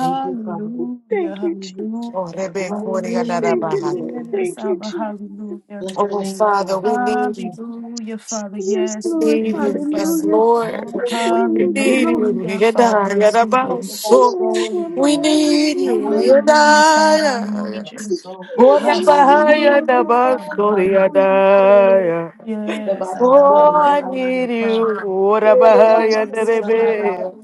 H: Thank you, Father.
C: thank you, Jesus,
A: Oh,
F: Hallelujah,
A: Rebe,
F: Father.
C: thank
H: Hallelujah.
C: you,
A: Koriyadarabahaya.
C: Lord,
H: Hallelujah.
F: Yes,
C: thank you,
F: Abba,
C: Jesus.
F: hallelujah.
H: Bless your
A: Oh,
H: name,
A: Father,
H: Christ.
A: we need you.
F: Hallelujah, Father.
C: Yes,
F: Yes, we
C: Lord,
F: thank
A: need
F: you,
A: you. Yes,
F: Father.
C: hallelujah.
A: Lord.
C: We
A: We
C: need you,
H: Hallelujah.
A: need
C: Lord.
A: you.
F: Hallelujah, Father.
A: Yada,
F: Yes,
A: yada,
F: we
A: ba,
H: Lift
F: do.
H: up
C: We
H: our
A: so.
C: need
H: soul in the
A: We
H: night.
A: need
C: you,
A: you.
C: Lord.
F: Hallelujah,
H: Hallelujah.
F: Father. We
H: Lift
A: Yada,
F: need
H: up our
F: you.
C: Yes,
H: soul.
A: Ora
C: Lord,
A: bahaya
C: we
A: da
F: Hallelujah,
H: Hallelujah.
F: Father.
A: bastori
F: Hallelujah.
A: adaya.
H: Lift up
F: Yes,
H: our
F: Abba.
A: Oh, I
H: soul.
F: Hallelujah,
A: need you.
F: Father.
A: Ora
C: thank you,
A: bahaya da
F: Yes,
C: Thank you, Lord, Rabba,
F: Father.
C: Lord.
H: Yerebasuraba.
A: rebe.
C: Rabba.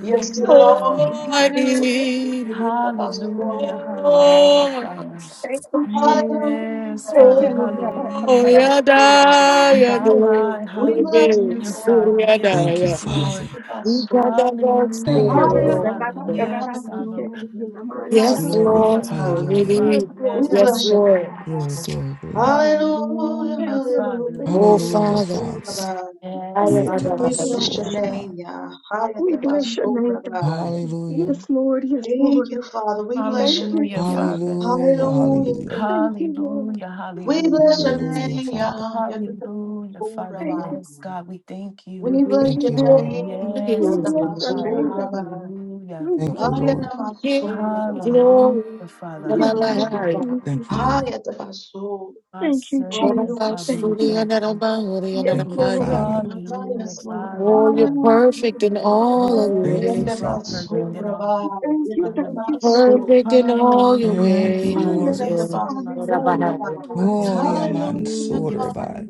H: Yes, Lord,
A: Oh, I
F: hallelujah.
H: hallelujah.
A: need you.
F: Hallelujah, hallelujah,
A: Oh,
F: Father.
C: Thank you, Jesus.
F: Yes,
C: Thank
H: Hallelujah,
F: Father.
C: you, Lord, Rabba,
A: oh,
C: Rabba,
F: Hallelujah.
C: Rabba.
A: yada
H: hallelujah.
F: My,
A: yada
C: Yes,
F: my,
C: Lord.
H: We bless
A: rebe
H: you,
F: hallelujah, Father.
A: suri
H: Lord.
G: Thank you,
A: adaya.
F: Yes,
G: Father.
F: Lord.
H: Abastiabasuraba.
A: We got that box to
C: Thank
F: Hallelujah,
A: the
C: you, Lord,
G: Hallelujah.
F: Father.
C: Rabba,
H: Hallelujah,
A: Lord.
C: Rabba,
F: Yes,
C: Rabba,
F: Abba.
C: Sikhe, Khe,
H: hallelujah.
C: Nama, Na, Ya,
A: Yes,
C: Rabba,
G: Glory.
A: Lord.
F: Hallelujah,
A: Oh,
C: Sikhe.
H: Abasuraba.
G: Hallelujah.
C: Yes,
F: Father.
A: really?
H: We
C: Lord,
F: Yes, we
C: Rabba,
A: Yes,
H: bless
C: Ya,
H: your
F: need
H: name,
A: Lord.
C: Rabba.
F: you.
H: Father.
G: Glory, glory, glory.
H: Hallelujah,
F: Hallelujah,
C: Thank you, Lord.
F: Father.
H: hallelujah.
C: Thank
A: Oh,
C: you, God.
G: Hallelujah,
A: Father.
G: Father.
H: Abasuraba.
F: Yes,
C: Thank you,
A: Hallelujah.
F: Father.
C: Lord.
H: We
C: Thank
H: bless
C: you,
H: your
F: Hallelujah.
C: Jesus.
H: name,
G: Yetabasorma.
H: Yahweh.
C: We bless your name, God.
H: Abasuraba.
G: Hallelujah.
C: Yes, Lord. Yes,
H: Thank
C: Lord.
H: you, Father. We bless
C: Thank
H: your
C: you,
H: name,
F: Hallelujah,
H: Yah.
C: Jesus.
F: Father.
G: Hallelujah.
H: Hallelujah.
G: Hallelujah.
H: Thank
C: Thank
H: you.
C: you, Lord.
F: Hallelujah,
H: We
C: Thank
F: hallelujah.
H: bless
C: you,
H: your
C: Jesus.
G: Hallelujah,
H: name,
G: Father.
H: Yah.
F: Hallelujah, Father.
C: Thank
H: Yatapasturabai.
C: you.
F: Yes, God, we thank you.
H: We
A: We give
H: bless
G: Thank
H: your
A: you
G: you, Lord.
A: glory.
H: name,
A: We
F: Yes,
C: We
F: we
C: bless
F: do,
C: your
F: Father.
C: name, God.
H: Yatapasturabai.
F: Hallelujah.
C: We
G: Thank you,
C: bless your
G: Lord.
C: name.
A: give you
H: Ayanamasturabai.
A: glory.
F: Hallelujah, Father,
H: We
C: Yes, Lord.
H: bless you,
F: hallelujah.
A: Ba-ba-ba-hai.
H: Father.
C: Thank you,
G: Thank you,
C: Jesus.
G: Lord.
H: Hayatapastu.
F: Our
C: Thank you,
F: Savior,
C: Jesus.
H: Hallelujah.
F: Father,
C: Thank
F: we
C: you.
A: Ba-ba-ba-shuri,
F: thank you.
A: ya-da-da-ba-huri,
C: Yes,
G: Thank you,
C: Lord.
A: ya-da-da-ba-ni.
C: I'm
G: Father.
C: not
H: Ah,
F: Hallelujah,
H: Yes, Lord.
F: Father,
A: Oh, you're
F: Father.
C: Yes,
A: perfect
H: Hallelujah.
A: in
C: Lord.
A: all of
C: Thank you.
A: your
G: Thank
F: Yes,
A: ways.
G: you,
C: Thank
F: you are
C: you.
G: Savior.
F: perfect
A: Lord.
F: in all your
H: Yatapasturabai.
F: ways,
C: Thank you.
F: Father.
C: Thank you. Thank
H: Yatapasturabai.
C: you.
A: Perfect in all your
F: Hallelujah,
G: Thank you,
F: Father.
A: ways,
G: Lord.
F: Yes,
A: Lord.
F: you are, Father.
C: Hallelujah.
A: Ba-ba-ba-hai.
C: Hallelujah.
G: Gloria
H: Hallelujah.
F: Hallelujah, Father.
G: mansurabai.
H: Hallelujah.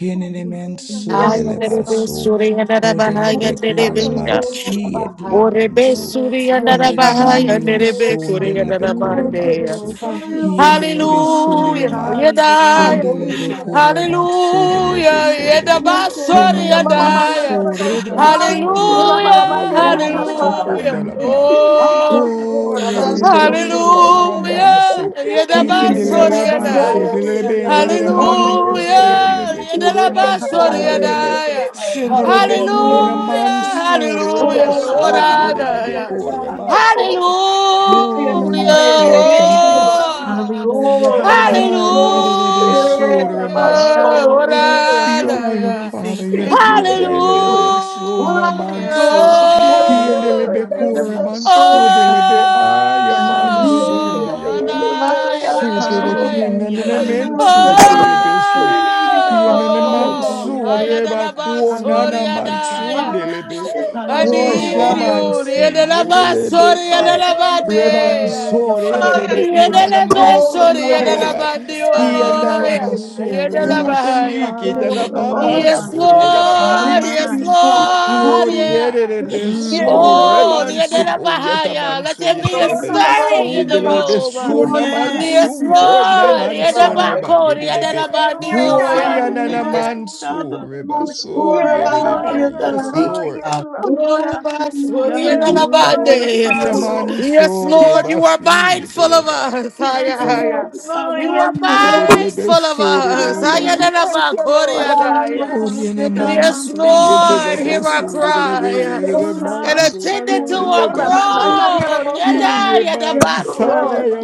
G: Hinenemen
C: Hallelujah.
H: Yes,
A: Ay,
C: Hallelujah.
F: Yes,
A: andere be
H: Lord.
F: Father.
G: sundelebaso.
A: suri andere bahai
H: Yes, it's
F: Yes,
A: andere
H: about
A: be
G: Hodelebekure
C: Thank
A: ya.
C: you, God.
H: school
F: Father.
H: of
G: mansi
H: a
C: Thank
H: high.
C: you,
A: Ore
C: God.
A: be
G: edelebanso.
A: suri
F: Yes,
H: Yes,
A: andere
F: Father.
A: bahai
H: Mama.
G: Ondelebandio
A: andere
F: Hallelujah.
H: School
A: be
H: of
A: kuri
H: a high.
A: andere
G: sundelebekure
C: Thank
F: Mm,
A: bande
C: you,
A: ya.
C: Lord.
G: manso.
C: Thank
F: Father,
C: you,
F: we
C: Jesus.
F: thank
H: Hallelujah,
F: you.
G: Hiendelebe
C: Thank you.
A: Hallelujah.
H: hallelujah.
G: sundelemai.
A: Yedaya.
F: Hallelujah,
C: Hallelujah.
H: School of
F: Father.
H: a
G: Hundelebekure
H: high.
G: manso delebe
H: Yes,
A: Hallelujah.
G: sundelebe.
C: Yes,
H: Lord.
C: Lord.
H: About
A: Yedabasori
C: Ya
G: Hunanana
C: Mama,
H: school
C: mama,
H: of
C: you're
A: yedaya.
G: manso
H: a
C: about
H: high.
G: rebaso
F: Hallelujah.
H: Hallelujah,
G: delebe.
C: my
A: Hallelujah.
H: it's
C: Yes,
G: Yodele
H: about school of a
G: manso
H: high.
A: Hallelujah.
F: Mm.
G: kondalabai.
H: Ah, Yes,
A: Oh.
H: Lord.
C: Lord.
G: Hori
H: About
C: Thank
G: edelebe
C: you.
H: school of
F: Hallelujah.
H: a
C: Thank
G: so
C: you,
H: high.
C: God.
A: Hallelujah.
G: ramanso.
C: Thank you.
H: Thank
G: He
H: you,
G: can
C: Thank
H: it's
C: you,
G: delele
F: Yes,
H: about
C: Lord. Yes, Lord.
F: Father.
G: manso
A: Yedabasoriadaya.
H: school of
C: Yes,
H: a
G: delebe yere
H: high.
G: mandio so
F: Hallelujah.
A: Hallelujah.
G: delebe
C: Lord. Yes, Lord. Thank
H: Hallelujah, it's
G: quarter
H: about
C: you,
G: manso
H: high.
C: Lord.
G: kundelebe
C: Thank you. Thank you. Thank you. Thank
F: Hallelujah,
A: Yedabasoriadaya.
F: Father. We
G: sendelebe
C: you.
F: thank
G: kunde na
F: you.
H: Hallelujah,
A: Hallelujah.
H: my
G: manso
F: Yes,
H: soul,
A: Hallelujah.
C: Thank
G: rebaso
F: Father.
G: yere debe
A: Oradaya.
G: quarter
H: my
G: my.
H: soul.
C: you.
H: And
G: Oh
A: Hallelujah.
C: Yes,
G: yes,
H: I
G: Lord,
C: Lord.
H: thank
G: thank
H: you,
G: you,
C: Thank
H: Lord, my
G: Father.
A: Oh.
F: Hallelujah.
H: soul. Yes,
C: you.
G: Har
H: Lord,
G: yere
C: Thank
G: debe
F: Hallelujah.
C: you. Thank you.
H: and
C: Yes,
H: my
G: so
C: Lord.
A: Hallelujah.
C: Yes,
H: soul.
C: Lord.
F: Hallelujah,
G: your will,
F: Father. We
A: Oradaya.
G: Father,
F: thank
H: Thank
G: yet
F: you.
H: you,
G: Lord,
C: Yes,
G: yet
H: Savior.
C: Lord.
G: yendelebe so
H: Ah, yes,
A: Hallelujah.
F: Yes,
G: namanso,
C: Thank you,
F: Father.
H: Lord,
F: Hallelujah.
C: Lord.
G: yendelebe
C: Thank
H: and
G: kure
H: my
F: Hallelujah.
C: you.
G: manso,
H: soul.
F: Hallelujah.
G: delebe aya
C: Thank
G: manso,
F: Hallelujah.
H: We
C: you,
H: love
A: Oh,
G: ndeyaba,
H: you,
C: Jesus.
H: as I
C: Thank
H: thank
A: Adaya,
C: you.
G: so
C: Thank
G: did the dele
C: you.
H: soul.
A: Adaya.
G: kina
F: Hallelujah.
C: Thank
H: We
A: Oh,
H: bless your
G: nenemenso,
F: Hallelujah.
H: name. yeah.
G: delebe
C: you.
G: so, and
H: Thank you,
C: Thank
G: He
C: you,
H: my
G: yenene
C: Lord. Thank
H: soul.
G: manso,
C: you.
F: Hallelujah.
H: yes.
G: reba kuona
A: Ayadalabasori,
G: na
F: Hallelujah,
G: manso,
A: Adaya.
F: Father.
G: delebe,
H: Fire de
A: I
G: kuo
C: Yes,
F: Hallelujah,
A: need
F: Father.
H: basura,
A: you,
G: shamansi,
B: Thank
H: fire
A: Yadalabasori,
G: yetelebe
H: de basura,
A: Yadalabadea.
F: Hallelujah,
G: so the
F: Father.
H: fire
F: We
G: rebe
H: de
F: thank
G: kuona na
F: you.
G: manso,
H: basura,
A: Yadalabasori,
H: bahai.
G: kuoneleba,
F: Yes,
G: he and
F: Father.
A: Yadalabadeoya,
F: Hallelujah.
G: Alabasur
B: you.
H: Fire de
A: Yadalabahaya.
G: Rebasi,
H: basura,
C: Lord. Yes, Lord. Yes, Lord. Yes, Lord. Yes, Lord. Yes, Lord.
F: Hallelujah,
C: Lord,
B: Thank
H: bahai.
C: I'm
B: you.
A: Yes,
F: Father.
C: I'm
G: Kitalamansuria
C: gonna
G: Rabai.
C: go
F: My
A: Lord.
C: straight
H: Thank
C: to-
A: Yes,
H: you,
F: mind.
B: Thank you.
H: Father.
A: Lord.
B: Thank
H: Hallelujah.
A: Yeah.
G: Quoriere
H: de
C: Yes,
G: besur
F: Mm.
H: basura,
C: Lord.
A: Oh, the
H: bahai.
B: you.
G: remansu
B: Ooh,
A: Adena
G: ko
A: Bahaya. Let
G: yatamansu
A: there be
F: My
A: a
C: Lord,
H: Thank
C: I'm
G: yetelebe
H: you,
C: I'm-
A: stirring in
H: Lord.
A: the
F: Savior.
G: yedelebe
B: God.
G: suna
A: room.
H: Thank
A: Yes,
F: Yes.
G: mansu
H: you, de
G: ko
A: Lord.
H: basura,
A: The
G: namansu reba
A: Adabako. The
C: Yeah,
G: yedelebe
A: Adena
B: Thank
C: yeah,
B: you.
F: Hallelujah,
B: Thank you.
C: yeah,
F: Father,
C: God.
G: huayana
A: Badioya.
B: Thank you.
F: yes.
G: namansu
F: Abba.
G: reba sur
F: Hallelujah,
C: Yeah,
A: Oh,
F: Father.
C: Lord.
G: yedelebe
C: Yes,
G: yes
A: yeah.
H: bahai.
B: Thank you,
C: Lord. Yes,
G: lord
B: Father.
C: Lord.
H: We
F: Hallelujah,
H: worship
A: Yes,
H: you.
F: hallelujah,
C: Yes,
H: Thank
B: Thank
H: you,
B: you.
C: Lord.
F: hallelujah,
C: Yes,
G: Quoriamanso
F: Father.
C: Lord.
H: Father.
A: Lord, you are
H: Hallelujah.
F: Yes,
G: Rebasi,
A: mindful of
F: Father.
G: Yedeleba.
A: us.
C: Yes,
A: Ay,
F: Yes,
B: Yes.
H: Abide
A: ay,
F: you
A: ay.
F: are, Father.
C: Lord,
A: You
C: yes,
A: are
C: Lord.
G: Who Quoriamansu
F: Hallelujah.
C: Thank
G: reba
A: mindful
G: si
A: of us.
G: yeteleba Udelebe
A: Ay,
G: sur
A: ay,
C: you,
B: Thank
F: Hallelujah.
A: ay,
C: Thank
A: ay,
C: you, Lord.
A: Korea,
C: Thank
A: ay,
C: you,
F: Father,
A: ay.
H: with
F: yes,
H: us,
G: Oriene
H: let us
F: Father,
H: abide.
A: Yes,
F: we
G: mansu,
F: thank you.
G: yetele
A: Lord, hear
H: Oh,
A: our
H: yeah.
G: besu, yetele be
A: cry
F: Hallelujah,
B: you.
C: thank
G: yetele
C: you.
H: All of
A: and
F: Father,
B: Thank
H: us,
G: mansu.
A: attend
H: all
A: to
F: Father.
H: of
A: our
G: Ye
C: Ora ma
H: us,
C: na na
G: beso,
C: ya ra
A: groan.
C: bo se.
A: Yada,
G: ye
F: Hallelujah,
A: yada,
H: yes, Lord,
A: baso.
G: mansa,
F: Father.
G: ye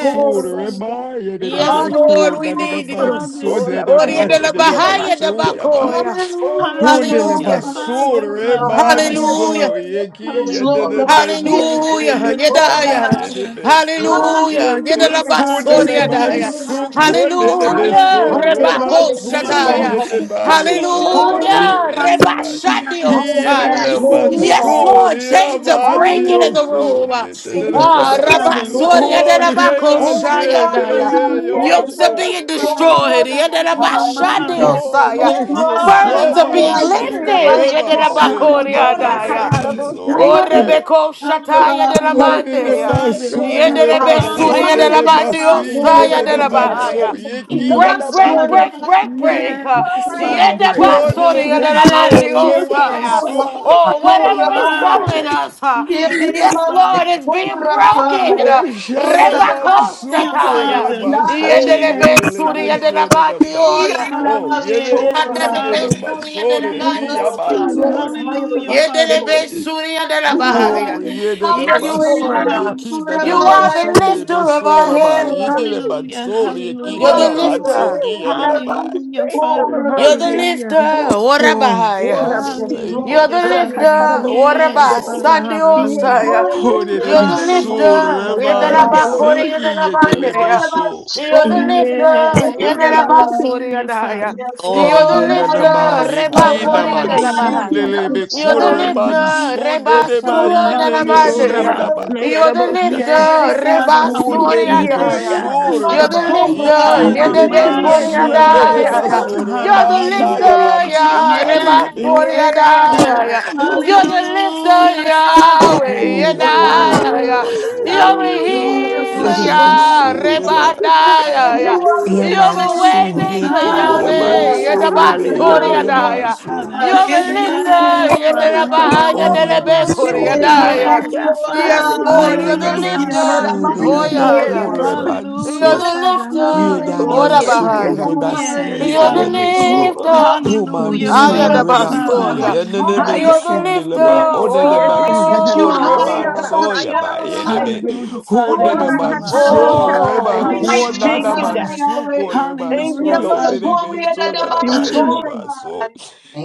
H: all of us, all of us.
G: reba,
B: you.
G: yetele
B: Thank
A: Yes,
G: be
A: Lord,
G: beku,
A: we
F: Hallelujah,
H: Hallelujah,
G: nanana
A: need you.
F: Father.
G: mansu,
C: Ora
H: yes,
G: yetele
C: ma
A: Ori,
G: ba
A: yada, la,
H: Lord.
C: ya
G: yetele
C: ra ba
A: bahaya, da,
C: se
G: besu,
C: ke ke.
G: yaba.
A: bakoya.
C: Oh,
B: you.
C: yes,
H: Hallelujah,
G: Hundele
C: Lord,
H: all
F: Hallelujah,
H: of
C: yes,
A: Hallelujah.
H: us,
C: Lord.
G: basu,
F: Father,
H: all of
B: Thank you.
F: Father, we
H: us.
C: Yes,
F: thank
A: Hallelujah.
F: you.
G: remanso,
C: Lord, yes, Lord.
G: yeki,
H: Yes, Lord, all
G: yetele
H: of
F: Hallelujah,
H: us, yes,
F: Father.
G: bensu,
A: Hallelujah,
G: yetele
H: Lord,
F: Yes,
G: ba
A: Yedaya.
G: yetele
F: Father.
H: Hallelujah,
A: Hallelujah,
G: besu,
C: Oh,
F: Hallelujah,
C: yes,
G: Kuna
C: yeah,
F: Father.
B: Thank you. Thank you. Thank
G: na
A: Yedalabasoria
C: yeah,
B: you.
C: yeah,
A: Daya.
C: yeah,
G: mansu,
C: God.
G: kuna
F: Hallelujah,
G: na
B: Thank you.
F: Father.
B: Thank
A: Hallelujah,
H: all
G: besoro,
C: Hallelujah,
H: of us,
A: Rebako
B: you.
F: Father,
C: hallelujah,
H: all
G: emansiki
H: of
F: we
A: Shataya.
G: yete
H: us.
F: thank you.
G: bayo, toda
C: hallelujah.
B: Thank you.
H: Hallelujah.
G: maso
A: Hallelujah,
G: yete bayo.
F: Hallelujah.
H: Hallelujah. the
G: Hiene
A: Rebashadiosaya.
G: na
H: Pastor,
F: Yes.
B: Ooh,
C: Yes,
A: Yes,
H: Rabbi.
A: Lord,
G: mansori,
A: change the
F: Yes,
G: amandi
A: breaking
F: Father.
A: in the
H: Hallelujah.
A: room.
G: osori, yete
B: Thank
G: na
B: you.
A: Ah,
H: the
F: Yes,
G: bayo.
C: yes,
F: Father.
C: Lord,
A: Rabasoria de
G: Huo
H: Pastor.
G: ye
A: Rabako
H: Oh, we
F: Hallelujah,
A: Shaya
G: mase,
H: bow
G: yele
A: Daya.
H: down
G: be,
F: Father.
H: for
C: yes,
H: the
A: Yokes are
G: yamaso.
C: Lord.
F: Yes,
A: being
H: Pastor
F: Father.
A: destroyed.
H: of our
F: My
H: high.
B: Thank you,
F: mind.
B: God.
G: Huo
A: Yedelabashadiosaya.
H: Yes,
G: ye
C: Ora ma
G: ye
F: Yes,
C: na
H: Lord,
C: na
F: Father.
A: Burdens
C: ya
A: are
C: ra
H: nobody
A: being
C: bo
H: like
F: Hallelujah.
H: you.
G: shomanso,
H: The
C: se.
A: lifted.
H: Pastor of
G: remase,
C: Oh,
H: our high.
F: Hallelujah,
G: yete na
A: Yedelabakoriadaya.
F: Father.
G: maso.
A: O
B: Thank you.
C: Rakataraboshata.
H: Lord, the
A: Rebeko
H: Pastor of our
A: Shataya de la
H: high.
C: Yes,
G: Kone
F: Hallelujah,
G: de
A: Bande,
C: Lord. Yes,
F: Father.
H: Thank
C: Lord. I
H: you,
G: masure
C: thank
G: ma
A: Yederebe
H: Father.
C: you.
A: Surya de
G: kone
H: Hallelujah.
A: la
G: de
H: the
F: Hallelujah,
A: Bande,
F: Father.
G: masi
C: I
H: Pastor
A: Osaya
G: yete
A: de
G: de
A: la
C: thank
H: of our
C: you,
H: high.
A: Bahaya.
G: manso
C: Lord.
B: Thank you.
H: Come
G: yeki
H: on,
A: Break,
F: Yes,
A: break,
G: yanamai.
H: Pastor
F: Father.
H: of
A: break,
H: our
A: break,
H: high.
A: break.
B: Thank you.
C: Oh,
F: Yes,
H: The
C: I
F: Father,
C: thank you,
F: great.
A: Yedeba
G: Kone
C: Lord.
G: de
A: Surya
H: Pastor.
A: de la Bande,
F: Hey,
H: Yes,
G: mesore
A: Osaya.
F: yes.
G: manso.
C: Thank
A: Oh,
H: Lord,
A: whatever is
F: Mama.
H: Rabbi,
A: troubling us, uh,
H: Yet the
A: yes,
F: Yes,
H: mass
B: Father,
A: Lord,
B: Thank
F: Father.
A: it's
H: for
B: you.
A: being
H: Rabbi.
A: broken. Uh,
F: Yes,
H: Yet
G: Hoshana
H: the mass
A: Rebeko
G: manso
F: hallelujah,
H: for
A: Shataya,
G: kone
F: Father.
G: maso
A: Yederebe
G: yete
F: Yes,
G: le
A: Surya
F: Father.
A: de la
G: meso de
A: Bande,
G: namai.
A: Oya.
F: Mama,
G: Oh, yeme
F: yes,
G: sune
H: Rabbi.
G: de
F: Abba.
A: Suriya de la
G: masore
H: we
G: ki
H: bless
F: Yes,
H: you,
F: Father.
A: Bahaya.
G: yamansai.
H: Lord.
F: Hallelujah, Father.
H: Hayatabasur.
A: Yedelebe Suriya de la
H: We honor
F: My
G: Oh,
A: Bahaya.
H: you. We
G: yede de
H: welcome
A: Yes,
F: yes,
H: you in.
F: Father,
G: masu
A: Lord.
G: yeki na
H: Rabbi. Yet the
G: de
A: You
F: hallelujah,
A: are the
H: Ramasurabaya.
G: masu de
A: lifter of
G: meso
A: our
G: rabai.
A: head.
G: Yete le
H: Ramasurabaya.
F: hallelujah,
G: manso
H: We
G: yeki
A: You're
G: na
A: the
F: hallelujah,
G: la
H: welcome
C: you,
H: you
G: manso
H: in,
A: lifter.
C: Lord.
G: ki yadamai.
F: hallelujah,
C: Thank you,
H: Lord.
F: Father,
A: You're the
H: Ramasurabaya.
F: hallelujah,
A: lifter.
G: Oh,
C: Lord.
A: What
C: Lord,
G: Father,
H: Yes,
G: thank
A: You're
H: Lord.
G: you.
A: the
F: hallelujah, Father,
H: Highest,
A: lifter,
H: Lord. The
A: what
H: mass
F: yes,
C: Rakataraboshata.
A: about
H: for.
F: Father,
A: Sunday
C: Yes,
F: hallelujah,
A: Osaya?
C: Lord. Yes,
G: Oh, that de
H: Hallelujah.
C: Lord.
A: You're the
H: The devil
G: so, the
A: lifter,
F: hallelujah,
A: we're the
C: Thank
F: Father,
G: Reman,
C: you,
H: Rabbi.
A: Labakori
C: Lord.
A: and the
G: seeking it, the
H: Lord
G: Lebe
A: Labandia.
H: Rabbi,
G: so.
A: You're
H: so
A: the
H: you the devil so
F: yes,
C: Thank
A: lifter, you're
C: you,
A: the
F: Father,
C: Jesus.
H: Rabbi.
A: Labasori
F: hallelujah,
A: and Aya.
F: Father,
H: Yes,
G: Oh,
A: You're the
G: ye
H: Lord,
G: na
H: I
G: na
H: am the
G: ma,
A: lifter,
F: yes,
G: ye
H: Basur
G: ki
F: Father,
G: na
A: Rebakori
H: Rabbi,
A: and the
G: man
C: Thank
H: I
C: you,
G: su
H: am the
F: hallelujah,
G: de
A: Labahaya.
G: le
H: devil
G: be Lebe
C: Jesus.
H: so.
A: You're the
F: hallelujah,
G: reman
A: lifter,
G: man de de
H: I
G: ma
A: Rebasuri
F: Father,
G: ye
A: and the
H: welcome
G: de be
H: you in
C: Lord,
F: hallelujah,
H: the
G: soon,
A: Labandia.
C: Rabba,
G: the ma.
F: Father,
A: You're
H: Basur
A: the
C: Nayaraboshata.
H: Rabbi,
A: lifter,
F: yes, Father,
A: Reba
G: Oh,
C: Yeah,
G: the
A: Soria
G: le
F: hallelujah,
H: We
A: Daya.
H: are
F: Father,
H: the
G: so,
C: God.
G: the
A: You're the
F: Father.
G: Reman,
H: Basur
G: ye ki
A: lifter,
G: ye
B: Thank
H: Rabbi,
G: de
B: you.
G: de
H: we are
A: Yedebe
G: man
H: the
F: Mama,
C: Yes,
A: Korea
G: soon, de
C: Lord.
H: Basur
C: Yes,
F: yes,
G: Lebe
A: Daya.
H: Rabbi.
G: so,
F: Father,
C: Lord.
G: the
A: You're the
G: Reman,
H: We
G: na
F: hallelujah.
G: am
A: lifter,
G: man
H: welcome you
G: su
A: Ya
G: ka
H: in
G: de
F: Yes,
G: de
A: Reba
H: the
G: Lebe.
A: Soria
C: Yeah,
F: Lord,
H: Basur Rabbi.
C: God.
A: Daya. You're the lifter,
F: hallelujah, Father,
A: Yahweh
C: Yes, Lord.
G: Oh,
H: Yes,
C: Yes,
G: Father,
F: Mama,
A: Yedaya.
G: yes,
H: Lord.
A: You're
G: Lord.
A: the
C: Lord.
H: We
C: Yes,
F: hallelujah,
H: welcome
G: ye
A: healer,
G: de
C: Lord.
F: Father,
G: Lebe
A: Ya
F: hallelujah,
C: Thank
G: so, the
C: you,
A: Reba
G: Reman.
C: Jesus.
F: Father,
A: Daya.
C: Hallelujah.
F: yes.
A: You're
H: you
A: the
H: in
A: way
G: Yamansure
A: maker,
G: ke
H: the
A: Yahweh
C: Hallelujah.
F: Hallelujah,
G: yamansore
A: Yedeba
G: me
F: Father.
G: yene
A: Soria
G: de
C: Hallelujah.
F: Hallelujah,
A: Daya.
G: maso.
F: Father.
H: Basura.
A: You're the
C: Thank you,
A: lifter,
F: Yes, Father.
C: Lord.
A: Yedeba
G: Ore
F: Hallelujah.
A: Yedebe Korea
G: basore me ma.
A: Daya.
C: Yeah,
F: Hallelujah,
C: God.
F: Father.
A: Yes, Lord, you're
C: Hallelujah.
A: the
F: Yes,
A: lifter.
F: Father.
G: Anenemensude
B: Thank
F: Hallelujah.
A: Oh,
B: you.
A: yeah,
C: Yes,
A: yeah.
G: lebekure
C: Lord.
A: You're
F: Hallelujah,
G: banso.
A: the
F: Father.
A: lifter.
C: Oh,
F: Hallelujah,
A: Ora
C: yes,
F: Father.
C: yes,
G: Hiedamansukude
A: bahaya.
C: yes.
G: rebasi
F: Yes,
A: You're the
F: Abba.
C: Yes,
G: yetelebeso.
C: yes,
A: lifter.
C: yes, Lord.
F: Hallelujah,
C: In the
H: We
A: Aya
G: Humansude
C: name
A: da
C: of
F: Father,
H: worship you,
C: Jesus.
F: Father.
H: Abba.
G: rebaki.
A: bastoria.
H: Father,
F: Hallelujah.
H: we
A: You're the
H: thank
G: Anenemensunde
A: lifter.
G: leba.
H: you.
F: Yes,
C: Oh yes,
F: Father.
H: We
C: God.
H: lift you
G: Onenemansukude
F: Hallelujah.
C: Oh
H: high at the
A: Oh,
C: Rabba
G: rebanso yaba
H: Basura.
C: Nayarabose.
G: eneme.
F: Hallelujah, Father.
H: Oh,
C: Oh
F: Yes, you are, Father.
G: Hunenemansude
H: Namasoraba,
C: Rakatarabosatai.
A: oh.
H: we
G: rebakuo
H: lift
F: Hallelujah,
H: you
C: Thank you, God.
H: high,
F: Father.
H: Yahweh.
G: nanamansukude
C: Thank
H: In
C: you,
F: Hallelujah,
G: rebanso
H: the most
C: Lord.
F: Father.
H: holy and
G: yenenemensude
H: the
C: Thank
H: most
C: you,
H: holy,
C: Jesus.
G: nanabayonobaso.
H: man,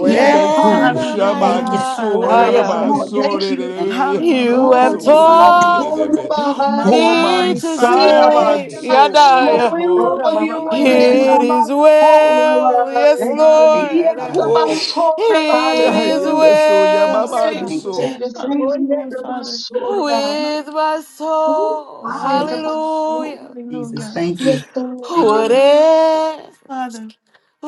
H: we
B: you. Thank you.
H: edify
G: Hibeku
H: you.
B: Thank
G: shaman
F: Hallelujah,
B: you.
A: matter.
F: Father.
C: Oh
G: sore
C: Rabba.
H: Yes,
A: Aya,
G: ba
A: aya.
H: Lord,
F: Hallelujah.
H: thank
G: sore de
H: you.
B: Thank
G: de
H: We
A: You
G: man
A: have
H: are
C: Thank
F: Hallelujah,
H: in
G: so
C: you,
H: the
F: Father.
H: most
C: Jesus.
G: ikini de
H: holy,
A: taught
G: be
F: My,
H: Bahaya.
G: ho
A: me
G: man
F: my,
A: to
H: We
F: Father.
G: saya
H: are in
G: man
A: stay.
H: the
G: so
H: most
G: yes
A: Yada,
H: holy, we
C: Oh
G: Lord
H: welcome
C: Rabba
H: you
C: Mama
B: you.
H: in
F: My,
A: It
H: the
C: Nayarabose.
A: is
H: most
A: well,
H: holy. man.
A: yes,
C: Thank you,
F: my.
B: Thank you,
H: He
C: God.
H: is
A: Lord.
H: the
B: Father. Thank
H: most
B: you.
G: Oh,
H: holy,
A: It
H: Bahaya.
A: is
G: aye be
C: Hallelujah.
G: so
F: Yes,
A: well
G: man
F: Father.
B: Thank you,
G: so
B: God.
H: Savior,
C: Oh
H: thank you,
C: yes,
F: Hallelujah,
H: the
F: Father.
H: most holy. man.
A: with my
H: Oh,
A: soul.
G: yes
H: I am
B: Thank
H: the
G: Lord
H: most holy.
A: Hallelujah.
B: you, Jesus.
F: Hallelujah.
B: Thank you.
H: Yes, Lord.
B: Thank you.
C: Lord.
A: Whatever
F: Hallelujah, Father.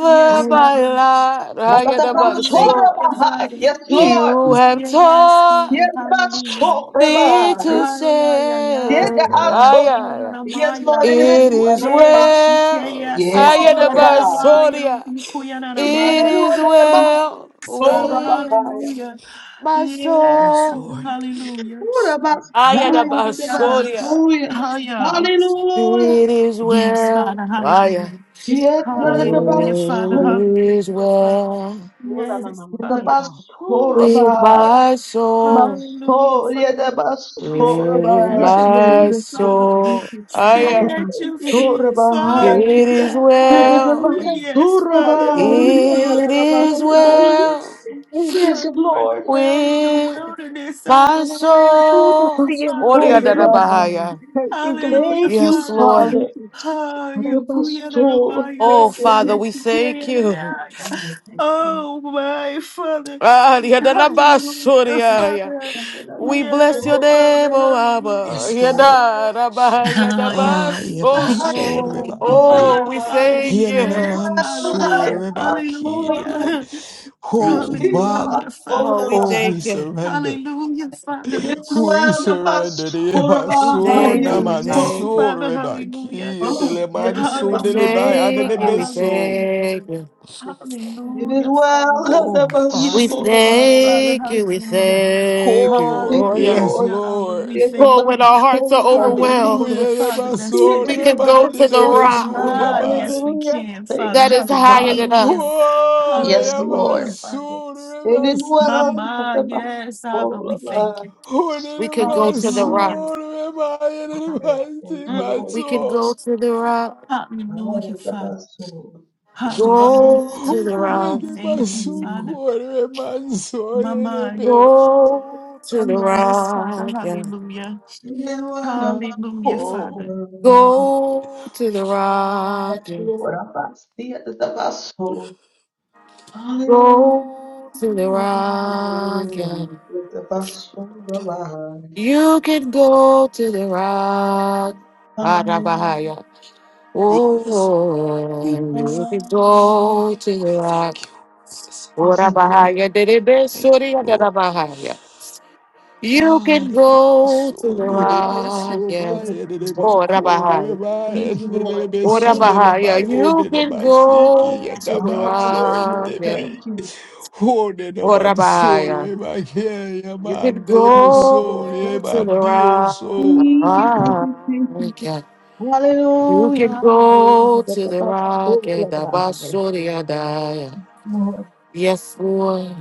F: Yes, Father.
A: lot,
B: Thank you.
A: I get about
B: Thank you.
A: soul.
F: Hallelujah,
H: Matatapashorabahai.
F: Father.
H: Yes,
B: Thank you.
H: Lord.
A: You
B: Jesus.
A: have
F: Yes, Father.
A: taught
H: Yes,
F: Hallelujah.
A: me
H: Bashorabahai.
A: to
F: Ay, ay, ay,
H: Yes,
B: Yes.
F: ay,
A: say,
F: ay, ay,
A: ay,
H: also.
A: ay, ay.
H: Yes, Lord,
F: yananamaya.
H: it is
A: it
H: well.
A: is
F: Eh, shikeya,
A: well. I
B: Yes.
A: get
F: sikeya,
B: Lord.
A: about
H: Matatapashorabahai.
A: soul.
F: nanamaya,
A: yeah.
F: yukuya,
H: It is
A: It
F: nanamaya.
A: is
H: well.
A: well
F: Yes, Father,
A: with
H: Matatapashorabahai.
F: hallelujah.
A: My
F: Yes,
G: yes
A: soul,
F: Father,
G: Lord
F: hallelujah.
H: Orabahai.
F: Hallelujah.
A: Ayadabasoria.
H: Matatapashoya.
F: Hallelujah.
H: Hallelujah.
A: it is
F: Yes,
A: well.
F: Father,
A: Ah, yeah.
F: hallelujah.
H: Yes,
C: Oh
F: Hallelujah,
C: Rabba. Yes,
F: Father,
A: It
C: God.
H: Matatapasho-
A: is
F: hallelujah, Father.
A: well
C: Oh Rabba
F: Yes,
C: Mama. Yes,
F: Father.
C: God.
A: with
H: Matatapashorabahai.
A: my soul,
F: Hallelujah,
H: Masoya
F: Father. Be forever
A: with
F: at
C: Yes,
F: your
H: Dabashorabahai.
C: Lord.
A: my
F: feet,
C: Yes, Lord.
F: Father.
C: Thank
A: soul.
C: you,
A: I.
C: Jesus.
F: Stand
A: yeah.
F: at
C: Thank
F: your
C: you.
F: feet,
A: It
H: Matatapashorabahai.
C: Thank
F: Father.
C: you,
A: is
C: God.
F: Eh,
H: Yes,
A: well.
C: Hallelujah.
F: yes, Father.
B: Thank
C: Hallelujah.
F: Hallelujah,
A: It is
F: Father.
C: Hallelujah.
A: well
C: Thank you,
F: Oh,
C: God.
F: you are the
H: Lord.
F: well in the
A: with
F: wilderness, Abba.
A: my
F: Hallelujah,
C: Oh,
A: soul.
C: yes,
F: Father.
A: Only da
C: yes,
A: the
C: yes.
F: Yes.
A: bahaya.
C: Thank you, God.
F: Hallelujah,
H: Thank you,
A: Yes,
F: Father.
A: Lord.
C: Thank
H: Father.
C: you.
F: Oh,
C: Thank you. Thank
A: Oh, Father,
C: you.
A: we thank you.
H: I thank you.
F: my Father.
A: Ah,
F: Hallelujah,
A: yadalabasuriaya.
F: Father.
A: We bless your
F: Yes,
A: name,
F: Father.
A: O Abba.
F: Hallelujah.
G: yes Lord
A: Yadaraba,
H: Hallelujah.
F: Oh, yeah.
G: ah ye ba
A: yadabaso.
G: sore ba
F: Oh,
B: you.
F: but
G: eh
A: Oh,
F: my
A: we
F: Father.
A: thank
G: here ne
A: you.
F: Yes,
G: man
F: Father.
G: sore ba kini oh,
F: Hallelujah.
B: Thank you.
G: Father
F: Hallelujah,
A: Oh,
F: Father.
A: we
G: oh we
A: thank you.
G: surrender
F: Hallelujah, Father.
G: We surrender the
A: We
G: Ebaso
F: Hey,
A: thank
B: Thank
A: you.
B: you,
A: We
B: Father.
F: yes,
A: thank you.
G: Namansur
F: Father, hallelujah.
G: Rebaki
H: Oh, yeah, that
A: We
G: Etelemansun
H: was
F: Hallelujah,
G: Delebai
A: thank you.
F: Father,
A: We
H: Surabaya.
G: Anenemeso.
F: hallelujah.
A: thank you.
H: It is
F: Hallelujah, Father.
H: well. that
G: Oh
H: was
A: We
G: Father.
F: Yes, indeed,
H: Surabaya.
F: Father,
A: thank you. We
F: hallelujah.
A: thank you.
G: Oh
H: Thank
A: Oh,
H: you,
A: yeah.
G: yes,
H: Lord.
F: Hallelujah, Abba,
G: Lord.
F: we
H: It
F: thank
A: Oh, when
F: you.
H: was
A: our hearts are
H: Surabaya.
G: Oh
F: Hallelujah,
A: overwhelmed,
F: Father, that's
H: It
G: Yebaso
F: it.
A: we can
H: was
A: go
G: Rebai
A: to the rock
G: Nenemeso
H: Surabaya.
F: Mama,
G: Nabai.
F: yes, we
C: Hallelujah.
F: can, Father,
A: that
H: Thank you,
A: is higher
H: Father.
A: than
F: hallelujah.
A: us.
G: Oh
H: Yes,
F: Hallelujah,
H: Lord.
F: Father.
G: Yamansur
H: It is well.
G: Rebasi.
F: Mama,
H: that was
F: yes, Abba, we thank
H: Surabaya.
F: you.
G: Oh
A: We can go
H: Yes,
A: to the
H: Lord.
A: rock.
F: Hallelujah.
G: Nenemasur Rebai
H: Hallelujah. Thank
G: Nenemasi
H: you,
F: Mm.
H: Lord.
A: We can
G: Baso.
A: go to the rock,
F: Hallelujah,
H: Hallelujah. that
F: Father.
H: was Surabaya.
A: go
H: Hallelujah.
F: Hallelujah,
A: to
G: Oh
A: the
F: Father.
A: rock,
F: We thank you,
G: Yebaso
F: Father.
G: Kore Mansor
F: Mama,
H: It
G: Nebe.
H: was
A: go to the
H: Surabaya.
F: yes, Father.
A: rock, yeah.
F: Hallelujah.
H: Yes, Lord,
F: Hallelujah,
G: Oh,
F: Father.
A: Go to the rock, yeah.
H: I'm the vessel. Hallelujah.
A: Go to the rock, yeah.
H: the vessel alive.
A: You can go to the rock,
H: Hallelujah.
A: Arabahaya.
B: Thank
G: oh yes,
B: you.
A: Oh, you
G: Father,
A: can go to
G: we
A: the
G: thank
A: rock,
G: you for such
H: Yes,
G: a
H: Lord.
G: big
A: Orabahaya. Dede
G: thank you,
A: Besuri,
G: Lord.
A: Arabahaya. You can
G: God, it is
A: go to
G: so
A: the
H: Yeah,
G: did it be
H: the
A: rock,
G: so my
A: yes.
G: it did be
A: Oh,
G: quarter
A: Rabahai.
G: my
H: Thank
G: it
H: you, Lord.
G: did be
A: Oh,
G: so
H: Thank
G: did it is
H: you.
A: Rabahaya.
G: my oh
A: You
G: did it is
A: can
G: my seeking
A: go
G: and
A: to
G: the
A: the
G: man
H: Ah, yes,
G: so it
H: Lord.
A: rock,
G: did
A: yes.
G: be
H: Thank you.
G: oh did it is
A: Oh,
G: my sorry
A: Rabahaya.
G: my care your
A: You can
G: man
H: Ah,
G: deal
H: yes, Lord.
G: sorry
A: go
H: Thank
G: my
A: to
H: you.
A: the
G: deal
A: rock,
H: Thank
G: so
H: you, thank you, thank you.
A: yeah. You
H: Hallelujah,
A: can go
H: hallelujah.
A: to
H: the
A: the rock
H: vessel
A: and the
H: alive.
A: basuriadaya.
H: Lord,
A: Yes, Lord.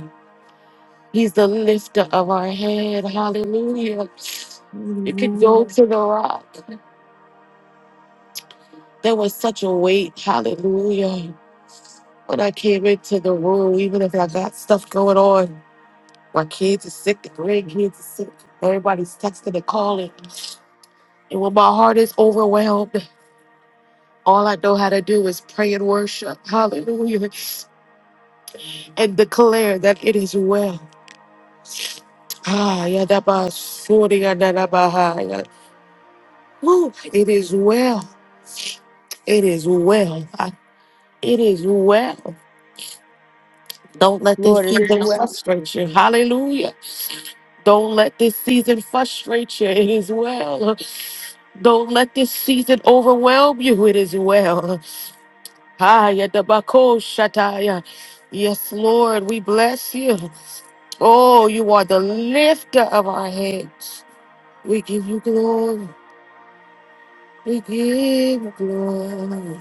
A: He's the lifter of our head. Hallelujah. You can go
H: hallelujah.
A: to the rock. There was such a weight, hallelujah. When I came into the room, even if I got stuff going on, my kids are sick, the grandkids are sick, everybody's texting and calling. And when my heart is overwhelmed, all I know how to do is pray and worship, hallelujah, and declare that it is well. Ah, yeah, that was sorting and that about how I got- Woo, it is well. It is well. I- It is well. Don't let this
H: Lord, it
A: keep
H: is
A: on
H: well.
A: frustrating you. Hallelujah. Don't let this season frustrate you. It is well. Don't let this season overwhelm you. It is well. Haya dabako shataya. Yes, Lord, we bless you. Oh, you are the lifter of our heads. We give you glory. We give you glory.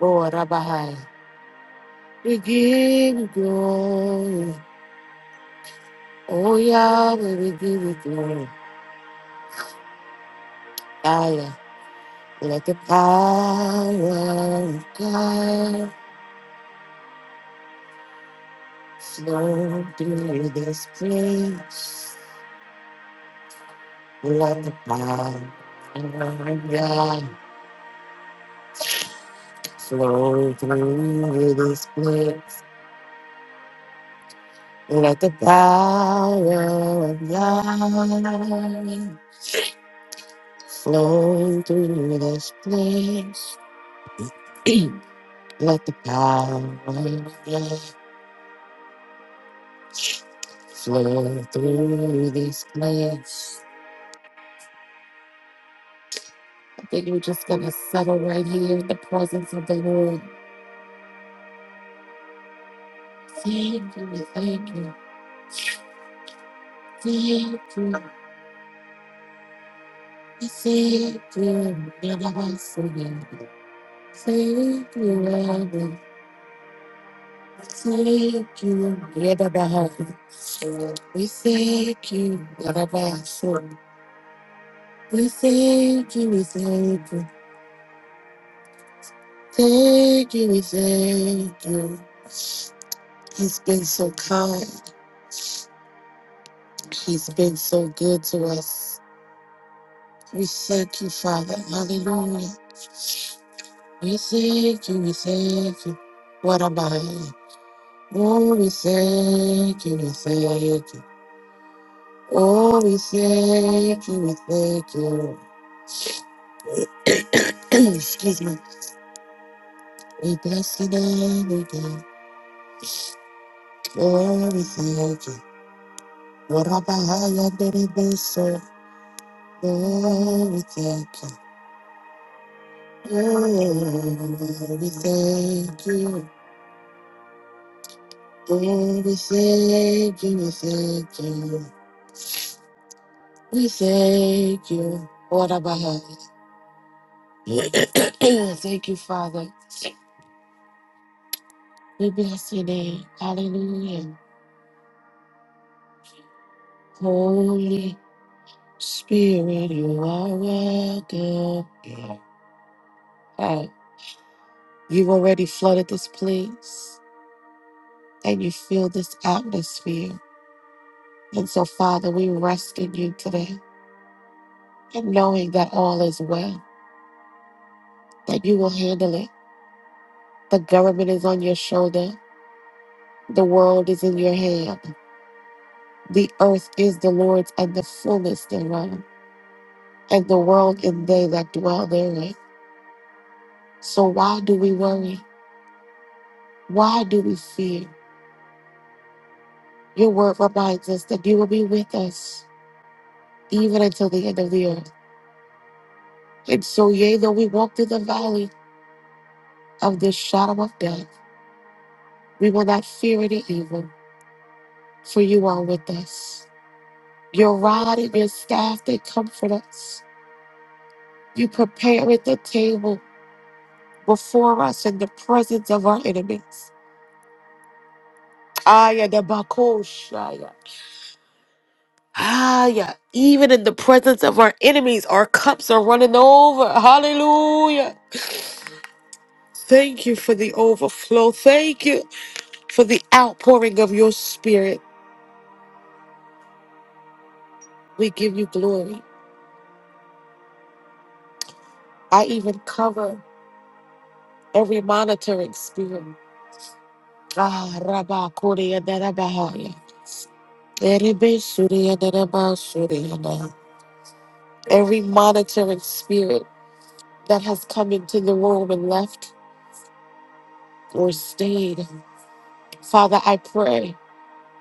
A: Oh, Rabbi, we give you glory. Oh, Yahweh, we give you glory. Let the power of God flow through this place. Let the power of God flow through this place. Let the power of God flow through this place. Let the power of God flow through this place. Then we're just going to settle right here in the presence of the Lord. Thank you, we thank you, thank you, we thank you, and Thank you, Lord. Thank you, and I you. We thank you, and I you. We thank you, we thank you. Thank you, we thank you. He's been so kind. He's been so good to us. We thank you, Father. Hallelujah. We thank you, we thank you. What a mighty. Oh, we thank you, we thank you. Oh, we thank you, we thank you. Excuse me. We bless you, name again. Oh, we thank you. What a mighty baby blesser. Oh, we thank you. Oh, we thank you. Oh, we thank you, we thank you. We thank you. What about her? thank you, Father. We bless your name. Hallelujah. Holy Spirit, you are welcome. Hey, you've already flooded this place and you feel this atmosphere. And so, Father, we rest in you today and knowing that all is well, that you will handle it. The government is on your shoulder, the world is in your hand. The earth is the Lord's and the fullness thereof, and the world and they that dwell therein. So why do we worry? Why do we fear? Your word reminds us that you will be with us even until the end of the earth. And so, yea, though we walk through the valley of the shadow of death, we will not fear any evil, for you are with us. Your rod and your staff, they comfort us. You prepare at the table before us in the presence of our enemies. Aya de Bakoshaya. Aya. Even in the presence of our enemies, our cups are running over. Hallelujah. Thank you for the overflow. Thank you for the outpouring of your spirit. We give you glory. I even cover every monitoring spirit. Ah, Rabba Korea Bahaya. Erebe Surya Daraba Surya Da. Every monitoring spirit that has come into the room and left or stayed. Father, I pray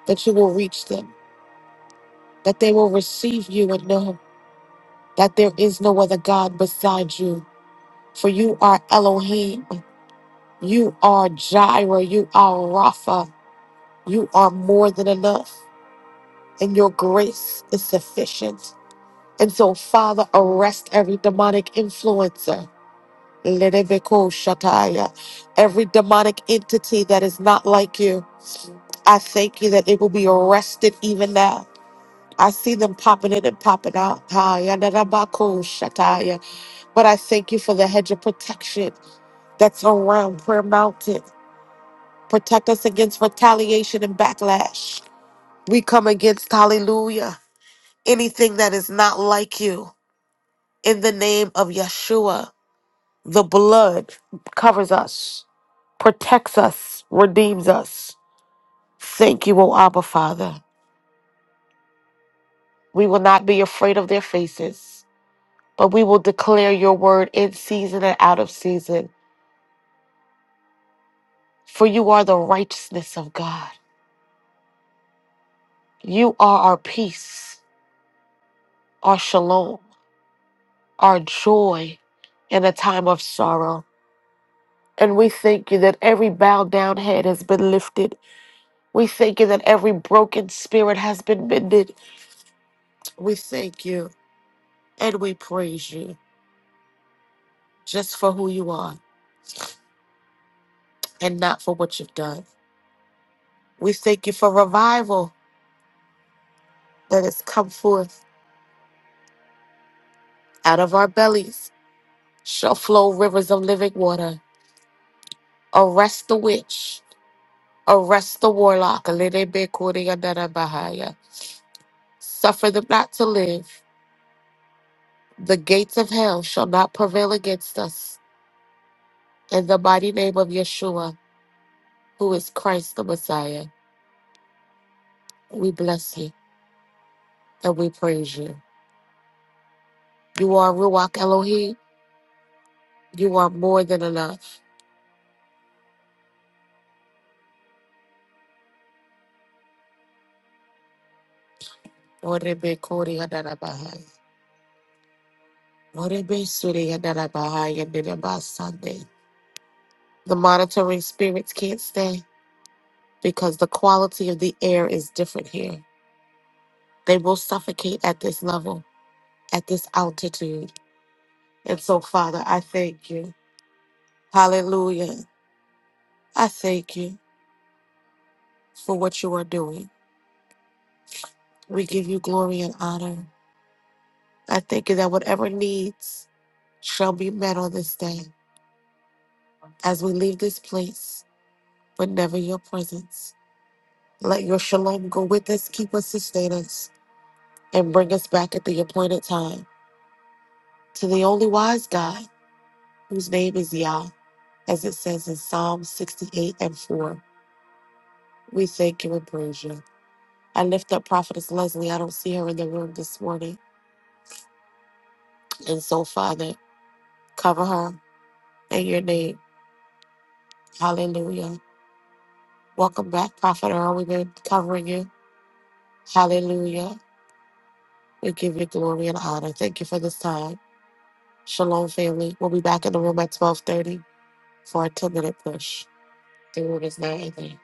A: that you will reach them, that they will receive you and know that there is no other God beside you. For you are Elohim, you are Jireh, you are Rapha, you are more than enough, and your grace is sufficient. And so, Father, arrest every demonic influencer. Lenebeko Shataya, Every demonic entity that is not like you, I thank you that it will be arrested even now I see them popping in and popping out. Ah, yada da ba ko shataya. But I thank you for the hedge of protection that's around Prayer Mountain. Protect us against retaliation and backlash. We come against, hallelujah, anything that is not like you. In the name of Yeshua, the blood covers us, protects us, redeems us. Thank you, O Abba Father. We will not be afraid of their faces. but we will declare your word in season and out of season. For you are the righteousness of God. You are our peace, our shalom, our joy in a time of sorrow. And we thank you that every bowed down head has been lifted. We thank you that every broken spirit has been mended. We thank you and we praise you just for who you are and not for what you've done. We thank you for revival that has come forth out of our bellies shall flow rivers of living water. Arrest the witch, arrest the warlock. Alelebekuriandarabahaya. Suffer them not to live. The gates of hell shall not prevail against us. In the mighty name of Yeshua, who is Christ the Messiah, we bless you and we praise you. You are Ruach Elohim. You are more than enough. Orebekuriandarabahaya. Orebesuriandarabahaya. Nidabasande. The monitoring spirits can't stay. because the quality of the air is different here. They will suffocate at this level, at this altitude. And so, Father, I thank you. Hallelujah. I thank you for what you are doing. We give you glory and honor. I thank you that whatever needs shall be met on this day as we leave this place, but never your presence. Let your shalom go with us, keep us, sustain us, and bring us back at the appointed time to the only wise God whose name is Yah. as it says in Psalm 68 and 4. We thank you and praise you. I lift up Prophetess Leslie. I don't see her in the room this morning. And so, Father, cover her in your name. Hallelujah. Welcome back, Prophet Earl. We've been covering you. Hallelujah. We give you glory and honor. Thank you for this time. Shalom, family. We'll be back in the room at 1230 for a 10-minute push. The room is now ending.